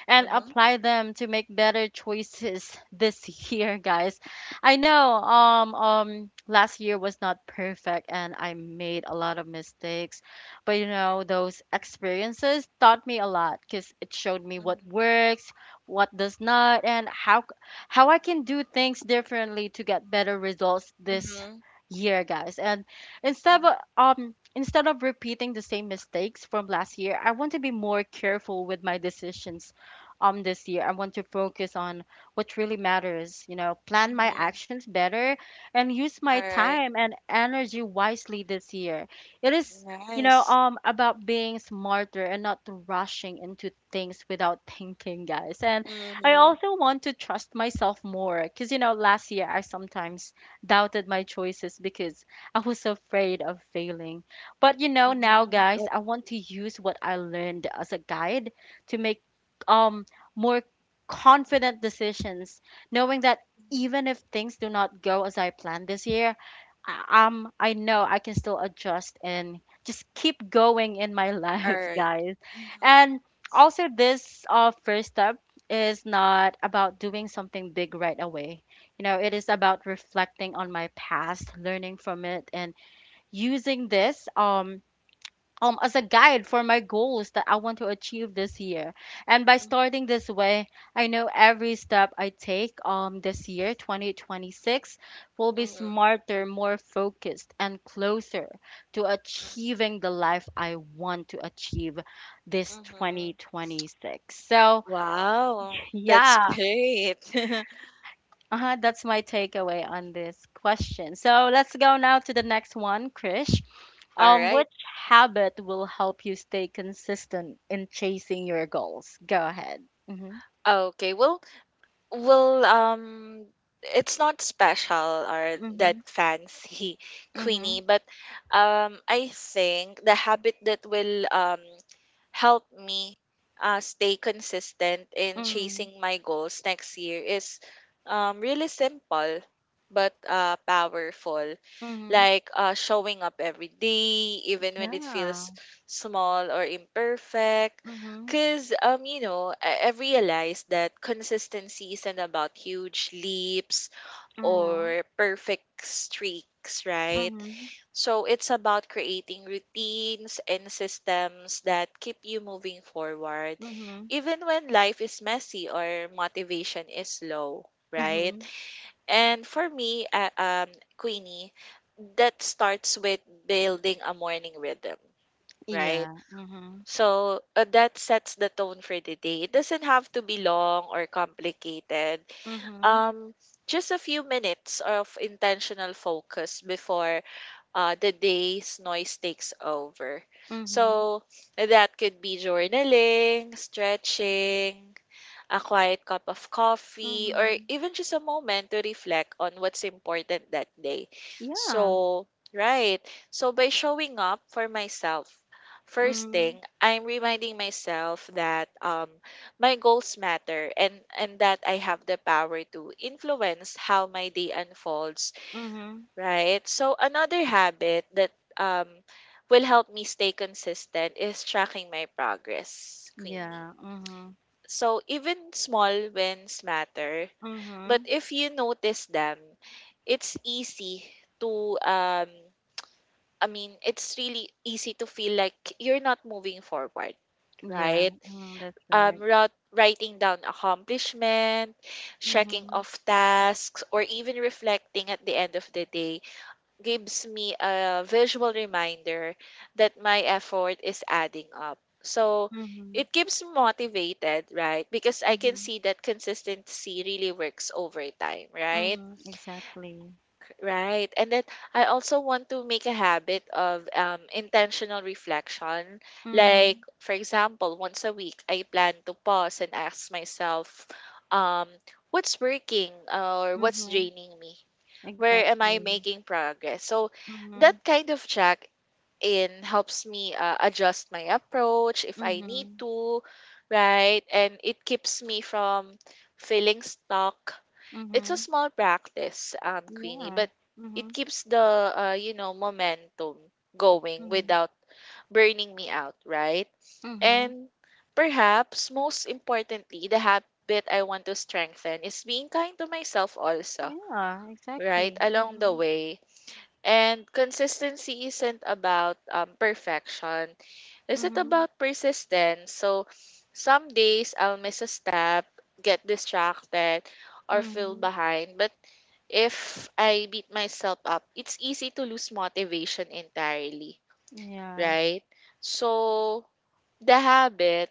Speaker 1: and
Speaker 2: Mm-hmm.
Speaker 1: apply them to make better choices this year, guys. I know um um last year was not perfect and I made a lot of mistakes, but you know, those experiences taught me a lot because it showed me what works, what does not, and how how I can do things differently to get better results this
Speaker 2: Mm-hmm.
Speaker 1: year, guys. And instead of
Speaker 2: Mm-hmm.
Speaker 1: um instead of repeating the same mistakes from last year, I want to be more careful with my decisions um this year. I want to focus on what really matters, you know, plan my
Speaker 2: Mhm.
Speaker 1: actions better and use my
Speaker 2: All right.
Speaker 1: time and energy wisely this year. It is, you know,
Speaker 2: Nice.
Speaker 1: um, about being smarter and not rushing into things without thinking, guys. And I
Speaker 2: Mhm.
Speaker 1: also want to trust myself more because, you know, last year I sometimes doubted my choices because I was so afraid of failing. But, you know, now,
Speaker 2: Mhm.
Speaker 1: guys,
Speaker 2: Oh,
Speaker 1: I want to use what I learned as a guide to make um more confident decisions, knowing that
Speaker 2: mhm.
Speaker 1: even if things do not go as I planned this year, I- um, I know I can still adjust and just keep going in my
Speaker 2: All
Speaker 1: life,
Speaker 2: right.
Speaker 1: guys.
Speaker 2: Mhm.
Speaker 1: And also, this uh, first step is not about doing something big right away. You know, it is about reflecting on my past, learning from it, and using this um um as a guide for my goals that I want to achieve this year. And by
Speaker 2: Mhm.
Speaker 1: starting this way, I know every step I take um this year, twenty twenty-six, will be
Speaker 2: Mhm.
Speaker 1: smarter, more focused, and closer to
Speaker 2: Mhm.
Speaker 1: achieving the life I want to achieve this
Speaker 2: Mhm.
Speaker 1: twenty twenty-six. So,
Speaker 2: Wow, that's
Speaker 1: yeah,
Speaker 2: great.
Speaker 1: uh-huh, that's my takeaway on this question. So, let's go now to the next one, Krish.
Speaker 2: All
Speaker 1: Um,
Speaker 2: right.
Speaker 1: which habit will help you stay consistent in chasing your goals? Go ahead. Mhm.
Speaker 2: Okay, well, Well, um, it's not special or
Speaker 1: Mhm.
Speaker 2: that fancy, Queenie,
Speaker 1: Mhm.
Speaker 2: but um, I think the habit that will um help me uh, stay consistent in
Speaker 1: Mhm.
Speaker 2: chasing my goals next year is um really simple but uh powerful.
Speaker 1: Mhm.
Speaker 2: Like uh showing up every day, even when it
Speaker 1: Yeah.
Speaker 2: feels small or imperfect
Speaker 1: Mhm.
Speaker 2: because, um, you know, I, I've realized that consistency isn't about huge leaps
Speaker 1: Mhm.
Speaker 2: or perfect streaks, right?
Speaker 1: Mhm.
Speaker 2: So it's about creating routines and systems that keep you moving forward,
Speaker 1: Mhm.
Speaker 2: even when life is messy or motivation is low, right?
Speaker 1: Mhm.
Speaker 2: And for me, uh, um, Queenie, that starts with building a morning rhythm, right?
Speaker 1: Yeah. Mhm.
Speaker 2: So uh, that sets the tone for the day. It doesn't have to be long or complicated.
Speaker 1: Mhm.
Speaker 2: Um, just a few minutes of intentional focus before uh, the day's noise takes over.
Speaker 1: Mhm.
Speaker 2: So that could be journaling, stretching, a quiet cup of coffee, or
Speaker 1: Mhm.
Speaker 2: even just a moment to reflect on what's important that day.
Speaker 1: Yeah.
Speaker 2: So, right. So, by showing up for myself, first
Speaker 1: Mhm.
Speaker 2: thing, I'm reminding myself that um, my goals matter, and, and that I have the power to influence how my day unfolds,
Speaker 1: Mhm.
Speaker 2: right? So, another habit that um, will help me stay consistent is tracking my progress, Queenie.
Speaker 1: Yeah. Mhm.
Speaker 2: So even small wins matter, but
Speaker 1: Mhm.
Speaker 2: if you notice them, it's easy to um I mean, it's really easy to feel like you're not moving forward,
Speaker 1: Yeah.
Speaker 2: right?
Speaker 1: Mm, that's
Speaker 2: Um
Speaker 1: right.
Speaker 2: ra- writing down accomplishment, checking
Speaker 1: Mhm.
Speaker 2: off tasks, or even reflecting at the end of the day gives me a visual reminder that my effort is adding up. So
Speaker 1: Mhm.
Speaker 2: it keeps me motivated, right? Because I can
Speaker 1: Mhm.
Speaker 2: see that consistency really works over time, right?
Speaker 1: Mhm. Exactly.
Speaker 2: Right. And then I also want to make a habit of um, intentional reflection.
Speaker 1: Mm-hmm.
Speaker 2: Like, for example, once a week, I plan to pause and ask myself, um, what's working or what's
Speaker 1: Mm-hmm.
Speaker 2: draining me? Where am I
Speaker 1: Exactly.
Speaker 2: making progress? So
Speaker 1: Mhm.
Speaker 2: that kind of check in helps me uh, adjust my approach if I need
Speaker 1: Mhm.
Speaker 2: to, right? And it keeps me from feeling stuck. It's a
Speaker 1: Mhm.
Speaker 2: small practice, um, Queenie,
Speaker 1: Yeah.
Speaker 2: but
Speaker 1: Mhm.
Speaker 2: it keeps the uh, you know momentum going
Speaker 1: Mhm.
Speaker 2: without burning me out, right?
Speaker 1: Mhm.
Speaker 2: And perhaps most importantly, the habit I want to strengthen is being kind to myself also,
Speaker 1: Yeah.
Speaker 2: right?
Speaker 1: Exactly.
Speaker 2: Along the
Speaker 1: Mhm.
Speaker 2: way. And consistency isn't about um, perfection. Is it
Speaker 1: Mhm.
Speaker 2: about persistence? So some days I'll miss a step, get distracted, or feel
Speaker 1: Mhm.
Speaker 2: behind. But if I beat myself up, it's easy to lose motivation entirely,
Speaker 1: Yeah.
Speaker 2: right? So the habit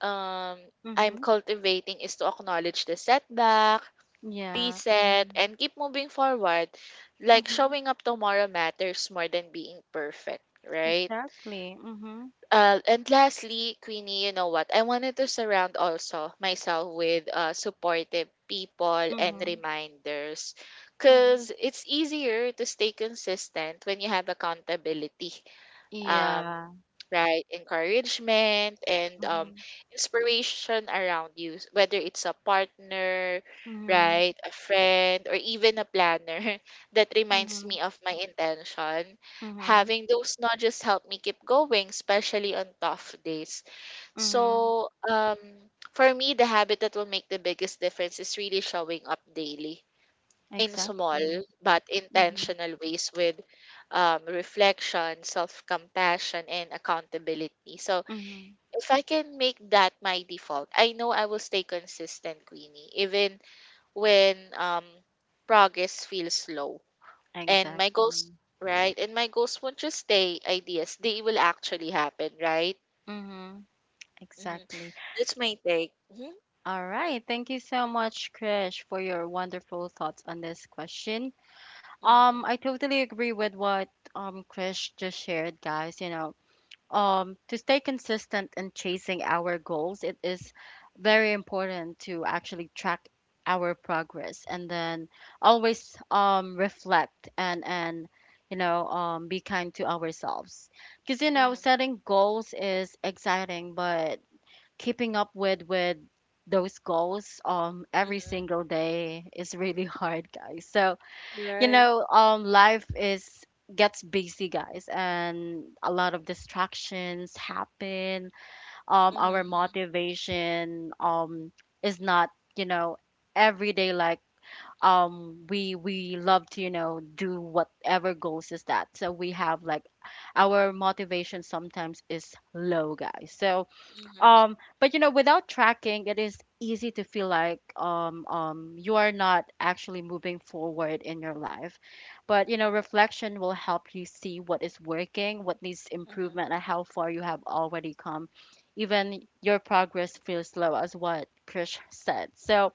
Speaker 2: um I'm
Speaker 1: Mhm.
Speaker 2: cultivating is to acknowledge the setback,
Speaker 1: Yeah.
Speaker 2: reset,
Speaker 1: Mhm.
Speaker 2: and keep moving forward. Like
Speaker 1: Mhm.
Speaker 2: showing up tomorrow matters more than being perfect, right?
Speaker 1: Exactly. Mhm.
Speaker 2: Uh, and lastly, Queenie, you know what? I wanted to surround also myself with uh, supportive people and
Speaker 1: Mhm.
Speaker 2: reminders
Speaker 1: Mhm.
Speaker 2: because it's easier to stay consistent when you have accountability, um,
Speaker 1: Yeah.
Speaker 2: right, encouragement, and um,
Speaker 1: Mhm.
Speaker 2: inspiration around you. S- whether it's a partner,
Speaker 1: Mhm.
Speaker 2: right, a friend, or even a planner that reminds
Speaker 1: Mhm.
Speaker 2: me of my intention,
Speaker 1: Mhm.
Speaker 2: having those nudges help me keep going, especially on tough days.
Speaker 1: Mhm.
Speaker 2: So um for me the habit that will make the biggest difference is really showing up daily in small
Speaker 1: Exactly.
Speaker 2: but
Speaker 1: Mhm.
Speaker 2: intentional ways with um, reflection, self compassion, and accountability. So,
Speaker 1: Mhm.
Speaker 2: if I can make that my default, I know I will stay consistent, Queenie, even when um, progress feels slow. And my goals,
Speaker 1: Exactly.
Speaker 2: right? And my goals won't just stay ideas, they will actually happen, right?
Speaker 1: Mhm.
Speaker 2: hmm
Speaker 1: Exactly.
Speaker 2: That's my take. hmm
Speaker 1: All right. Thank you so much, Krish, for your wonderful thoughts on this question. Um,
Speaker 2: hmm
Speaker 1: I totally agree with what um Krish just shared, guys. You know, um, to stay consistent in chasing our goals, it is very important to actually track our progress, and then always um reflect, and and you know um be kind to ourselves, because you know
Speaker 2: hmm
Speaker 1: setting goals is exciting but keeping up with with those goals um every
Speaker 2: hmm
Speaker 1: single day is really hard, guys. So you
Speaker 2: Right.
Speaker 1: know, um life is gets busy, guys, and a lot of distractions happen. Um our
Speaker 2: Mm-hmm.
Speaker 1: motivation um is not, you know, every day. Like, um we we love to, you know, do whatever goals is that. So we have, like, our motivation sometimes is low, guys. So
Speaker 2: Mm-hmm.
Speaker 1: um, but you know, without tracking, it is easy to feel like um, um, you are not actually moving forward in your life. But you know, reflection will help you see what is working, what needs
Speaker 2: Mm-hmm.
Speaker 1: improvement, and how far you have already come. Even your progress feels slow, as what Krish said. So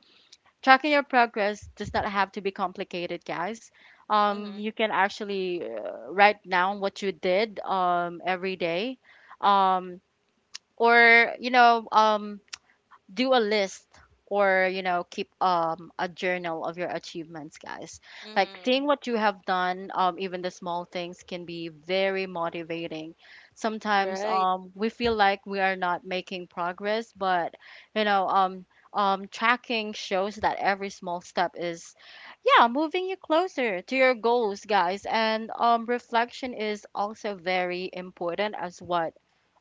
Speaker 1: tracking your progress does not have to be complicated, guys. Um, you
Speaker 2: Mm-hmm.
Speaker 1: can actually uh, write down what you did um, every day. Um, or you know um do a list, or you know keep um a journal of your achievements, guys, like
Speaker 2: Mm-hmm.
Speaker 1: seeing what you have done, um even the small things, can be very motivating. Sometimes
Speaker 2: Right.
Speaker 1: um we feel like we are not making progress, but you know, um um tracking shows that every small step is, yeah, moving you closer to your goals, guys. And um reflection is also very important, as what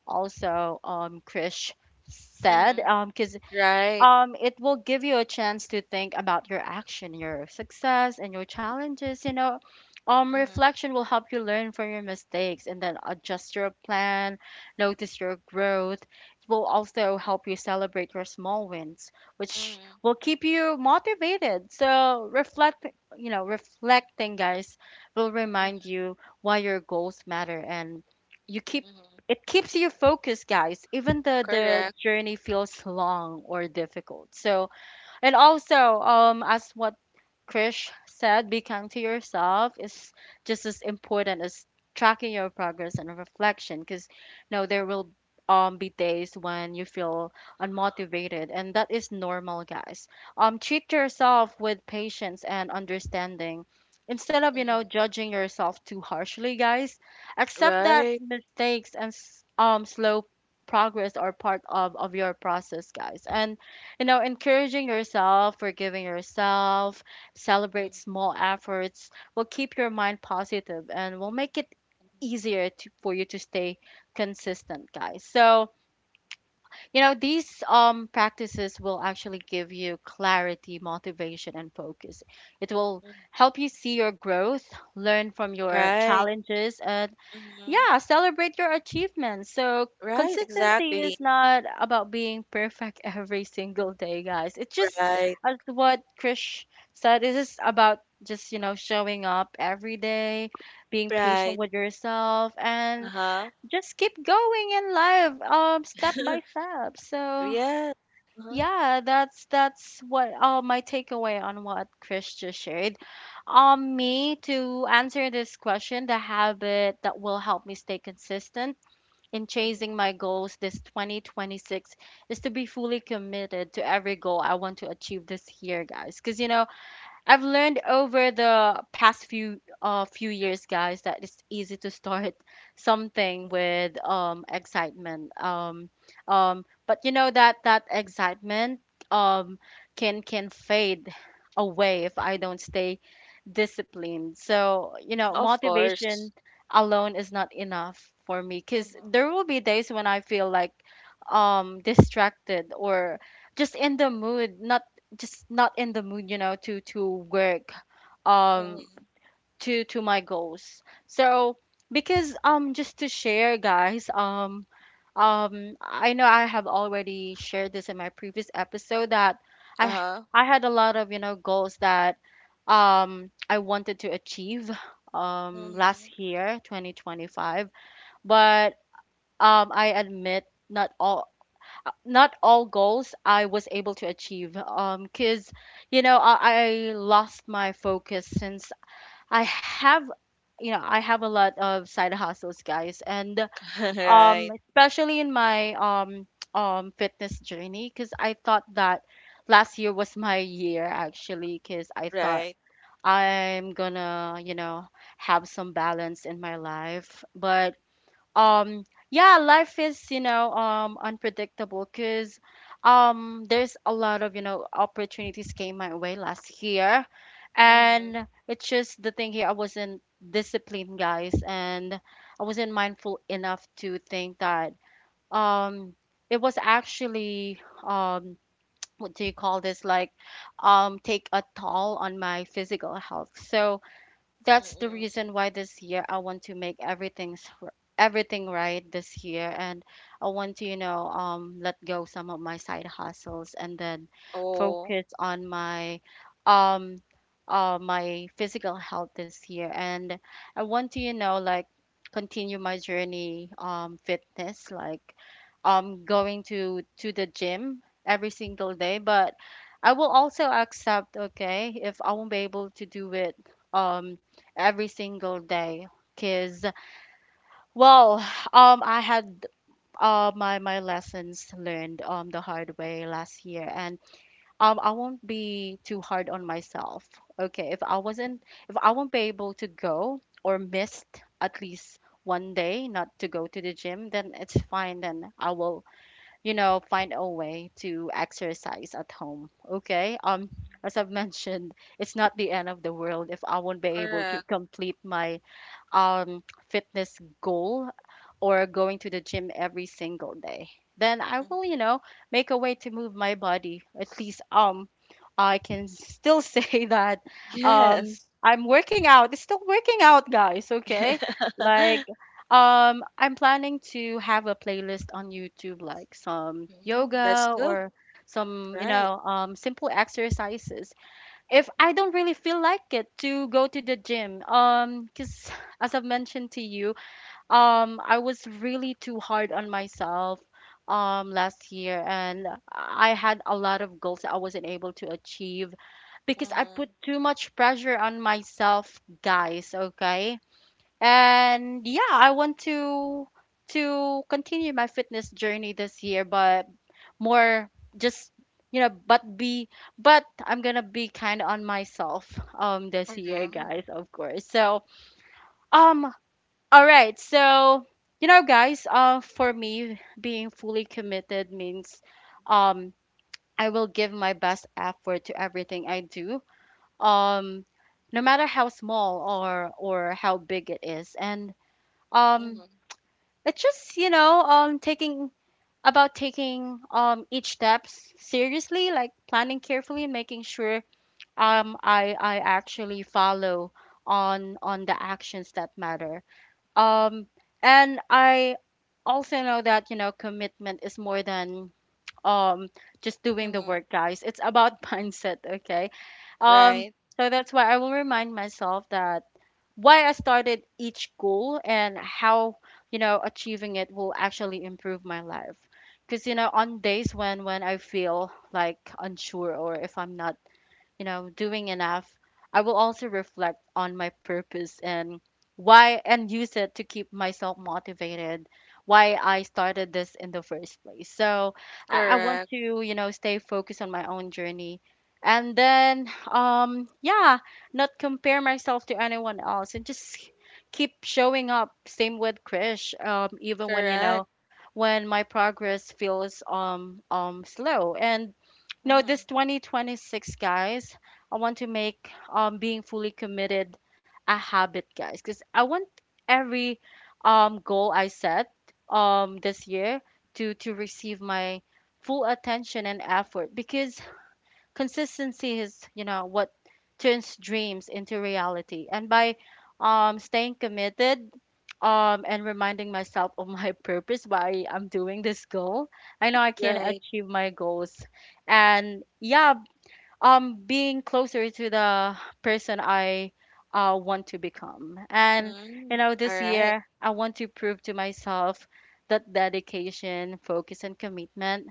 Speaker 1: also um Krish said,
Speaker 2: Mm-hmm.
Speaker 1: um because
Speaker 2: Right.
Speaker 1: um it will give you a chance to think about your action, your success, and your challenges. You know, um
Speaker 2: Mm-hmm.
Speaker 1: reflection will help you learn from your mistakes and then adjust your plan, notice your growth. It will also help you celebrate your small wins, which
Speaker 2: Mm-hmm.
Speaker 1: will keep you motivated. So reflect you know reflecting guys, will remind
Speaker 2: Mm-hmm.
Speaker 1: you why your goals matter, and you keep
Speaker 2: Mm-hmm.
Speaker 1: it keeps you focused, guys, even the the
Speaker 2: Correct.
Speaker 1: journey feels long or difficult. So, and also, um as what Krish said, be kind to yourself is just as important as tracking your progress and reflection, because no, there will um be days when you feel unmotivated, and that is normal, guys. Um treat yourself with patience and understanding instead of, you know,
Speaker 2: Mm-hmm.
Speaker 1: judging yourself too harshly, guys. Accept that
Speaker 2: Right.
Speaker 1: mistakes and s- um slow progress are part of of your process, guys. And you know, encouraging yourself, forgiving yourself, celebrate
Speaker 2: Mm-hmm.
Speaker 1: small efforts will keep your mind positive and will make it easier to, for you to stay consistent, guys. So, you know, these um, practices will actually give you clarity, motivation, and focus. It will help you see your growth, learn from your
Speaker 2: Right.
Speaker 1: challenges, and,
Speaker 2: Mm-hmm.
Speaker 1: yeah, celebrate your achievements. So
Speaker 2: Right.
Speaker 1: consistency
Speaker 2: Exactly.
Speaker 1: is not about being perfect every single day, guys. It's just
Speaker 2: Right.
Speaker 1: as what Krish said, it is about just, you know, showing up every day, being patient
Speaker 2: Right.
Speaker 1: with yourself, and
Speaker 2: Uh-huh.
Speaker 1: just keep going in life, um, step by step. So
Speaker 2: Yes. Uh-huh.
Speaker 1: yeah, that's that's what uh, my takeaway on what Chris just shared. Um, me to answer this question, the habit that will help me stay consistent in chasing
Speaker 2: Mm-hmm.
Speaker 1: my goals this twenty twenty-six is to be fully committed to every goal I want to achieve this year, guys. Because you know, I've learned over the past few uh few years, guys, that it's easy to start something with um excitement. Um um but you know, that that excitement um can can fade away if I don't stay disciplined. So, you know,
Speaker 2: Of course.
Speaker 1: motivation alone is not enough for me, cuz
Speaker 2: Mm-hmm.
Speaker 1: there will be days when I feel like um distracted, or just in the mood, not just not in the mood, you know, to to work um
Speaker 2: Mm-hmm.
Speaker 1: to to my goals. So because um just to share, guys, um um I know I have already shared this in my previous episode that I
Speaker 2: Uh-huh.
Speaker 1: I had a lot of, you know, goals that um I wanted to achieve um
Speaker 2: Mm-hmm.
Speaker 1: last year, twenty twenty-five, but um I admit not all, uh, not all goals I was able to achieve. Um, cause you know I, I lost my focus, since I have, you know, I have a lot of side hustles, guys, and
Speaker 2: Right.
Speaker 1: um, especially in my um um fitness journey, cause I thought that last year was my year actually, cause I thought
Speaker 2: Right.
Speaker 1: I'm gonna, you know, have some balance in my life, but um yeah, life is, you know, um unpredictable, because um there's a lot of, you know, opportunities came my way last year.
Speaker 2: Mm-hmm.
Speaker 1: And it's just the thing here, I wasn't disciplined, guys, and I wasn't mindful enough to think that um it was actually um what do you call this, like, um take a toll on my physical health. So that's the
Speaker 2: Mm-hmm.
Speaker 1: reason why this year I want to make everything's r- everything right this year, and I want to, you know, um let go some of my side hustles, and then
Speaker 2: Oh.
Speaker 1: focus on my um uh my physical health this year. And I want to, you know, like, continue my journey, um fitness, like, um going to to the gym every single day. But I will also accept, okay, if I won't be able to do it um every single day, because, well, um I had, uh my, my lessons learned um the hard way last year. And um I won't be too hard on myself, okay, if I wasn't, if I won't be able to go or missed at least one day not to go to the gym, then it's fine, then I will, you know, find a way to exercise at home. Okay, um
Speaker 2: Mm-hmm.
Speaker 1: as I've mentioned, it's not the end of the world if I won't be able to
Speaker 2: Correct.
Speaker 1: complete my um, fitness goal, or going to the gym every single day, then I
Speaker 2: Mhm.
Speaker 1: will, you know, make a way to move my body. At least, um, I can still say that um,
Speaker 2: Yes.
Speaker 1: I'm working out. It's still working out, guys. Okay, like um, I'm planning to have a playlist on YouTube, like some
Speaker 2: Mhm, that's
Speaker 1: yoga
Speaker 2: good,
Speaker 1: or some, you
Speaker 2: right?
Speaker 1: know, um, simple exercises if I don't really feel like it to go to the gym, um, because as I've mentioned to you, um, I was really too hard on myself, um, last year, and I had a lot of goals that I wasn't able to achieve because I
Speaker 2: Mm-hmm.
Speaker 1: put too much pressure on myself, guys, okay? And yeah, I want to to continue my fitness journey this year, but more just you know but be but I'm gonna be kind on myself um this year,
Speaker 2: Mm-hmm.
Speaker 1: guys, of course. So um all right. So you know guys uh for me, being fully committed means um I will give my best effort to everything I do, um no matter how small or or how big it is. And um
Speaker 2: Mm-hmm.
Speaker 1: it's just, you know um taking— about taking um each steps seriously, like planning carefully and making sure um i i actually follow on on the actions that matter. Um and I also know that, you know, commitment is more than um just doing the
Speaker 2: Mm-hmm.
Speaker 1: work, guys. It's about mindset, okay? Um,
Speaker 2: Right.
Speaker 1: so that's why I will remind myself that why I started each goal and how, you know, achieving it will actually improve my life. Because, you know, on days when when I feel like unsure or if I'm not, you know, doing enough, I will also reflect on my purpose and why, and use it to keep myself motivated, why I started this in the first place. So I, I want
Speaker 2: Correct.
Speaker 1: to, you know, stay focused on my own journey. And then, um, yeah, not compare myself to anyone else, and just keep showing up. Same with Krish, um, even when, you know,
Speaker 2: Correct.
Speaker 1: when my progress feels um um slow. And no,
Speaker 2: Mm-hmm.
Speaker 1: this twenty twenty-six, guys, I want to make um being fully committed a habit, guys, because I want every um goal I set um this year to to receive my full attention and effort, because consistency is, you know, what turns dreams into reality. And by um staying committed um and reminding myself of my purpose, why I'm doing this goal, I know I can
Speaker 2: Right.
Speaker 1: achieve my goals and, yeah, um being closer to the person I uh want to become. And, you
Speaker 2: Mm-hmm.
Speaker 1: know,
Speaker 2: All
Speaker 1: this
Speaker 2: right.
Speaker 1: year I want to prove to myself that dedication, focus, and commitment,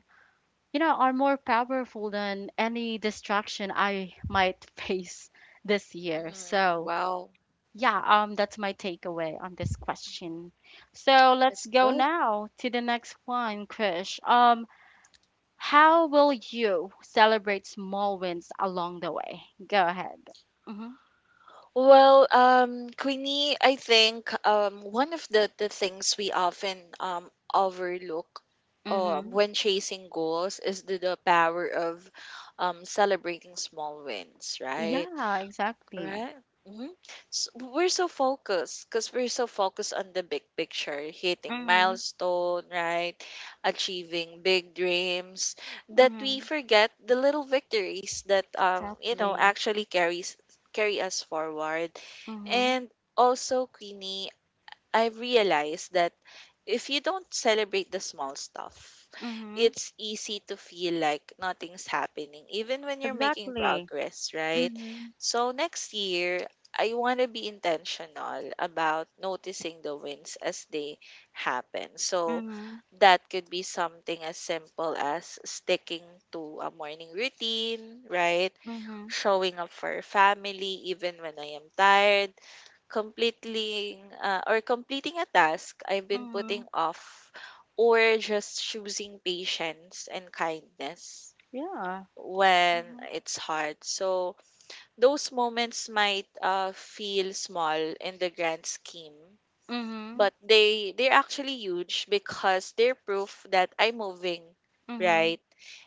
Speaker 1: you know, are more powerful than any distraction I might face this year.
Speaker 2: Mm-hmm.
Speaker 1: So,
Speaker 2: Wow.
Speaker 1: yeah, um, that's my takeaway on this
Speaker 2: Mhm.
Speaker 1: question. So let's
Speaker 2: That's
Speaker 1: go
Speaker 2: good.
Speaker 1: now to the next one, Krish. Um, how will you celebrate small wins along the way? Go ahead. Mm-hmm.
Speaker 2: Well, um, Queenie, I think um one of the the things we often um overlook um
Speaker 1: Mm-hmm.
Speaker 2: when chasing goals is the, the power of um celebrating small wins, right?
Speaker 1: Yeah, exactly.
Speaker 2: Right? hmm we're so focused, because we're so focused on the big picture, hitting
Speaker 1: Mm-hmm.
Speaker 2: milestone, right? Achieving big dreams, that we
Speaker 1: Mm-hmm.
Speaker 2: forget the little victories that um you know
Speaker 1: Exactly.
Speaker 2: actually carries carry us forward.
Speaker 1: Mm-hmm.
Speaker 2: And also, Queenie, I've realized that if you don't celebrate the small stuff,
Speaker 1: Mm-hmm.
Speaker 2: it's easy to feel like nothing's happening, even when you're making
Speaker 1: Exactly.
Speaker 2: progress, right?
Speaker 1: Mm-hmm.
Speaker 2: So next year, I want to be intentional about noticing the wins as they happen. So
Speaker 1: Mm-hmm.
Speaker 2: that could be something as simple as sticking to a morning routine, right?
Speaker 1: Mm-hmm.
Speaker 2: Showing up for your family even when I am tired completely, uh, or completing a task I've been
Speaker 1: Mm-hmm.
Speaker 2: putting off, or just choosing patience and kindness
Speaker 1: Yeah.
Speaker 2: when
Speaker 1: Mhm.
Speaker 2: it's hard. So those moments might uh, feel small in the grand scheme,
Speaker 1: Mhm.
Speaker 2: but they they're actually huge because they're proof that I'm moving,
Speaker 1: Mhm.
Speaker 2: right,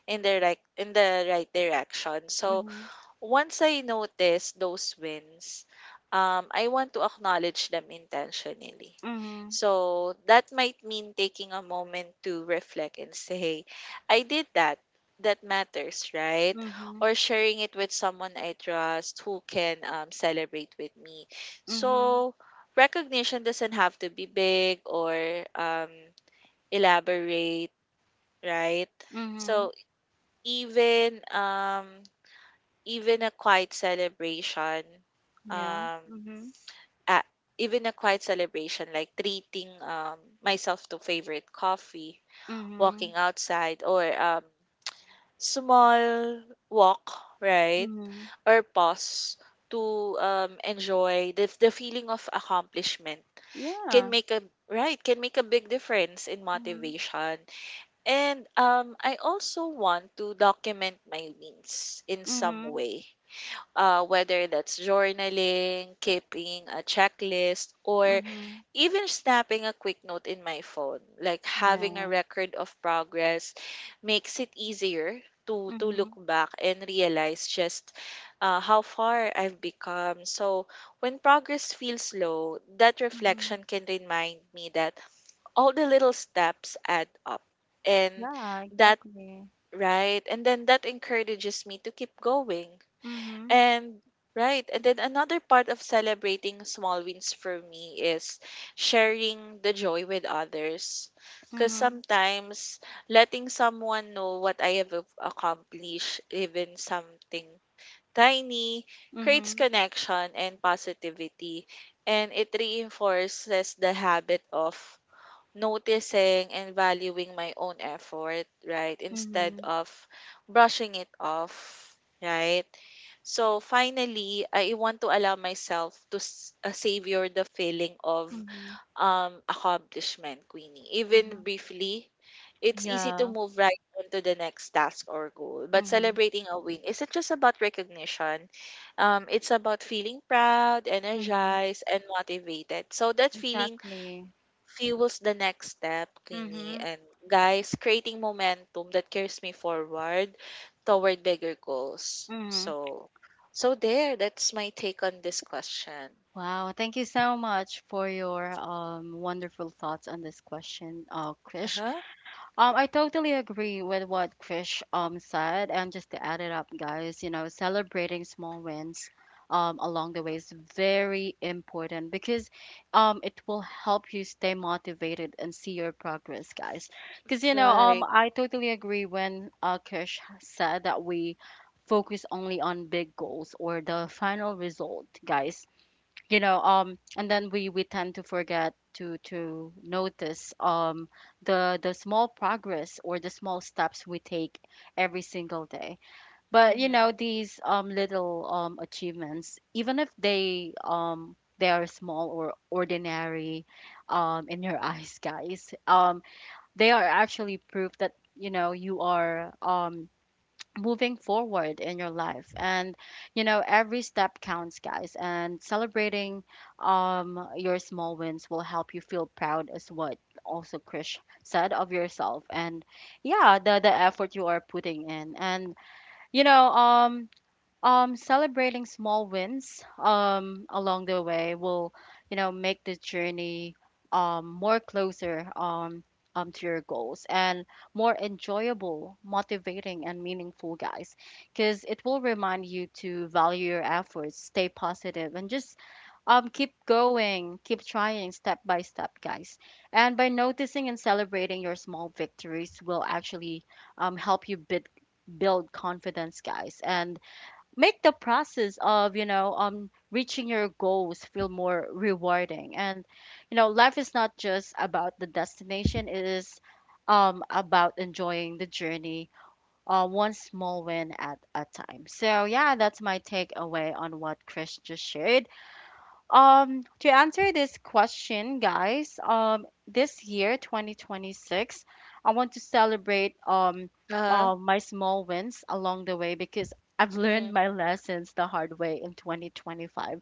Speaker 2: in the right in the right direction. So
Speaker 1: Mhm.
Speaker 2: once I notice those wins, um, I want to acknowledge them intentionally.
Speaker 1: Mhm.
Speaker 2: So that might mean taking a moment to reflect and say, I did that. That matters, right?
Speaker 1: Mhm.
Speaker 2: Or sharing it with someone I trust who can um, celebrate with me.
Speaker 1: Mhm.
Speaker 2: So recognition doesn't have to be big or um, elaborate, right? So
Speaker 1: Mhm.
Speaker 2: even um, even a quiet celebration
Speaker 1: Yeah.
Speaker 2: um
Speaker 1: Mhm.
Speaker 2: uh, even a quiet celebration like treating um myself to favorite coffee, walking
Speaker 1: Mhm.
Speaker 2: outside, or um small walk, right,
Speaker 1: Mhm.
Speaker 2: or pause to um enjoy the, the feeling of accomplishment, can
Speaker 1: Yeah.
Speaker 2: make a right can make a big difference in
Speaker 1: Mhm.
Speaker 2: motivation. And um I also want to document my wins in some
Speaker 1: Mhm.
Speaker 2: way, uh, whether that's journaling, keeping a checklist, or
Speaker 1: Mhm.
Speaker 2: even snapping a quick note in my phone. Like having a
Speaker 1: Yeah.
Speaker 2: record of progress makes it easier to to look
Speaker 1: Mhm.
Speaker 2: back and realize just uh, how far I've become. So when progress feels slow, that
Speaker 1: Mhm.
Speaker 2: reflection can remind me that all the little steps add up, and
Speaker 1: Yeah,
Speaker 2: that
Speaker 1: exactly.
Speaker 2: right, and then that encourages me to keep going.
Speaker 1: Mhm.
Speaker 2: And right, and then Another part of celebrating small wins for me is sharing the joy with others. Because
Speaker 1: Mhm.
Speaker 2: sometimes letting someone know what I have ac- accomplished, even something tiny, creates
Speaker 1: Mhm.
Speaker 2: connection and positivity. And it reinforces the habit of noticing and valuing my own effort, right? Instead
Speaker 1: Mhm.
Speaker 2: of brushing it off, right? So finally, I want to allow myself to s- uh, savor the feeling of
Speaker 1: Mhm.
Speaker 2: um, accomplishment, Queenie. Even
Speaker 1: Mhm.
Speaker 2: briefly, it's easy to
Speaker 1: Yeah.
Speaker 2: move right on to the next task or goal. But
Speaker 1: Mhm.
Speaker 2: celebrating a win isn't just about recognition. Um, it's about feeling proud,
Speaker 1: Mhm.
Speaker 2: energized, and motivated. So that feeling
Speaker 1: Exactly.
Speaker 2: fuels the next step, Queenie.
Speaker 1: Mhm.
Speaker 2: And guys, creating momentum that carries me forward toward bigger goals.
Speaker 1: Mhm.
Speaker 2: So, so there, that's my take on this question.
Speaker 1: Wow, thank you so much for your um, wonderful thoughts on this question, uh,
Speaker 2: Uh
Speaker 1: Krish.
Speaker 2: huh.
Speaker 1: Um, I totally agree with what Krish um, said. And just to add it up, guys, you know, celebrating small wins um, along the way is very important because um, it will help you stay motivated and see your progress, guys. Because, you know, um,
Speaker 2: Right.
Speaker 1: I totally agree when uh, Krish said that we focus only on big goals or the final result, guys. You know um and then we we tend to forget to to notice um the the small progress or the small steps we take every single day. But, you
Speaker 2: Mm-hmm.
Speaker 1: know, these um little um achievements, even if they um they are small or ordinary um in your eyes, guys, um they are actually proof that, you know, you are um moving forward in your life. And, you know, every step counts, guys. And celebrating um your small wins will help you feel proud, as what also Krish said, of yourself and, yeah, the the effort you are putting in. And you know um um, Celebrating small wins um, along the way will, you know, make the journey um, more closer, um, um, to your goals, and more enjoyable, motivating, and meaningful, guys. Because it will remind you to value your efforts, stay positive, and just um, keep going, keep trying, step by step, guys. And by noticing and celebrating your small victories will actually um, help you bid, build confidence, guys, and make the process of, you know um reaching your goals, feel more rewarding. And, you know, life is not just about the destination, it is um about enjoying the journey, uh one small win at a time. So, yeah, that's my takeaway on what Chris just shared. Um, to answer this question, guys, um, this year, twenty twenty-six, I want to celebrate, um,
Speaker 2: Uh huh.
Speaker 1: uh, my small wins along the way, because I've learned
Speaker 2: Mm-hmm.
Speaker 1: my lessons the hard way in twenty twenty-five.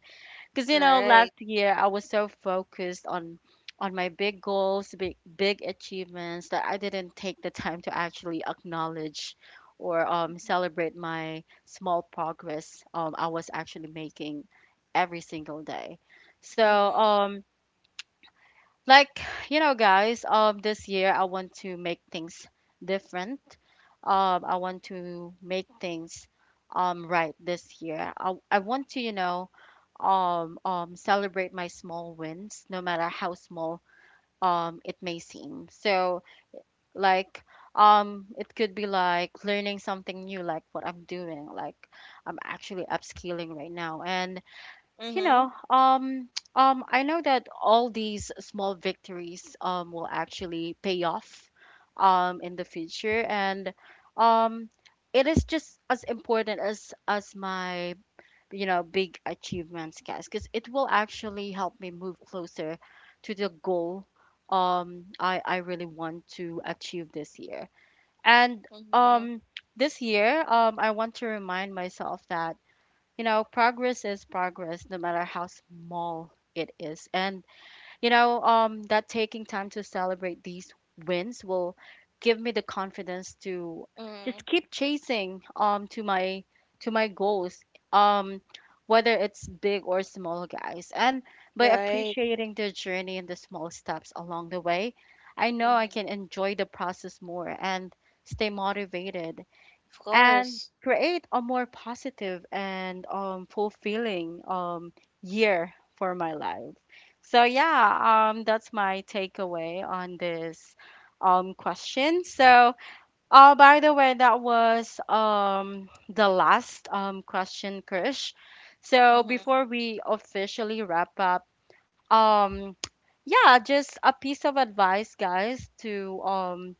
Speaker 1: Because, you know, last
Speaker 2: Right.
Speaker 1: year I was so focused on on my big goals, big big achievements, that I didn't take the time to actually acknowledge or um,
Speaker 2: Mm-hmm.
Speaker 1: celebrate my small progress um, I was actually making every single day. So
Speaker 2: Mm-hmm.
Speaker 1: um, like, you know, guys, um, this year I want to make things different. Um, I want to make things um right this year. I I want to, you know, um um celebrate my small wins, no matter how small um it may seem. So, like, um, it could be like learning something new, like what I'm doing, like I'm actually upskilling right now, and, you know, um, um, I know that all these small victories um, will actually pay off um, in the future. And, um, it is just as important as as my, you know, big achievements, guys, because it will actually help me move closer to the goal um, I I really want to achieve this year. And
Speaker 2: Mm-hmm.
Speaker 1: um, this year, um, I want to remind myself that, you know, progress is progress, no matter how small it is. And, you know um that taking time to celebrate these wins will give me the confidence to
Speaker 2: Mm-hmm.
Speaker 1: just keep chasing um to my to my goals, um whether it's big or small, guys. And by
Speaker 2: Right.
Speaker 1: appreciating the journey and the small steps along the way, I know I
Speaker 2: Mm-hmm.
Speaker 1: can enjoy the process more, and stay motivated,
Speaker 2: Of
Speaker 1: and
Speaker 2: course.
Speaker 1: create a more positive and, um, fulfilling, um, year for my life. So, yeah, um, that's my takeaway on this um, question. So, uh, by the way, that was um, the last um, question, Krish. So,
Speaker 2: Mm-hmm.
Speaker 1: before we officially wrap up, um, yeah, just a piece of advice, guys, to um,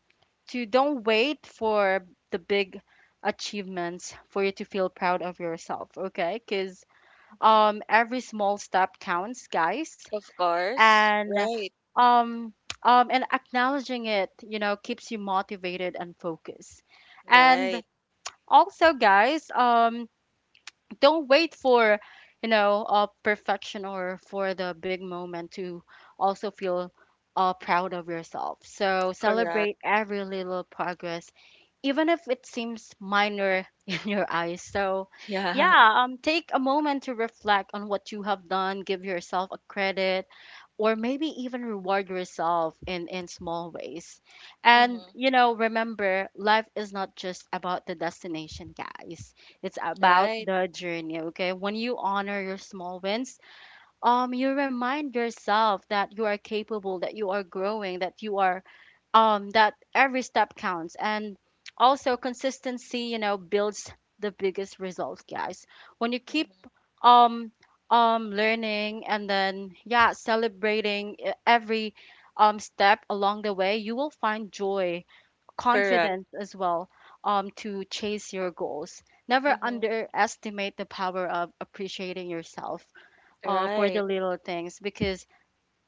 Speaker 1: to don't wait for the big achievements for you to feel proud of yourself, okay? Because
Speaker 2: Mm-hmm.
Speaker 1: um, every small step counts, guys.
Speaker 2: Of course.
Speaker 1: And
Speaker 2: Right.
Speaker 1: um, um, and acknowledging it, you know, keeps you motivated and focused. And
Speaker 2: Right.
Speaker 1: also, guys, um, don't wait for, you know, uh, perfection or for the big moment to also feel uh, proud of yourself. So
Speaker 2: Correct.
Speaker 1: celebrate every little progress, even if it seems minor in your eyes. So,
Speaker 2: Yeah.
Speaker 1: yeah, um, take a moment to reflect on what you have done, give yourself a credit, or maybe even reward yourself in, in small ways. And,
Speaker 2: Mm-hmm.
Speaker 1: you know, remember, life is not just about the destination, guys. It's about
Speaker 2: Right.
Speaker 1: the journey, okay? When you honor your small wins, um, you remind yourself that you are capable, that you are growing, that you are um that every step counts. And also consistency, you know, builds the biggest result, guys. When you keep um um learning, and then, yeah, celebrating e- every um step along the way, you will find joy,
Speaker 2: Correct.
Speaker 1: confidence as well, um to chase your goals. Never
Speaker 2: Mhm.
Speaker 1: underestimate the power of appreciating yourself uh, for
Speaker 2: Right.
Speaker 1: the little things, because,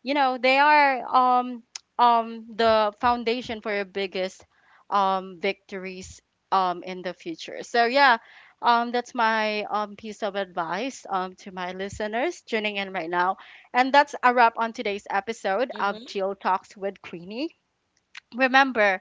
Speaker 1: you know, they are um um the foundation for your biggest um victories um in the future. So, yeah, um that's my um piece of advice um to my listeners tuning in right now. And that's a wrap on today's episode
Speaker 2: Mhm.
Speaker 1: of Chill Talks with Queenie. Remember,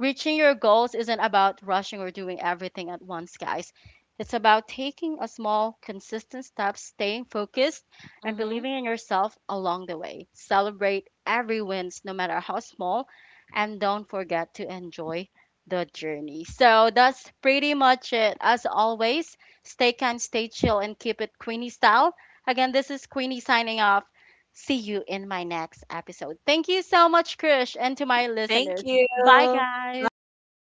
Speaker 1: reaching your goals isn't about rushing or doing everything at once, guys. It's about taking a small, consistent step, staying focused, and
Speaker 2: Mhm.
Speaker 1: believing in yourself along the way. Celebrate every wins, no matter how small, and don't forget to enjoy the journey. So that's pretty much it. As always, stay kind, stay chill, and keep it Queenie style. Again, this is Queenie signing off. See you in my next episode. Thank you so much, Krish, and to my
Speaker 2: Thank
Speaker 1: listeners.
Speaker 2: you.
Speaker 1: Bye, guys.
Speaker 2: Bye.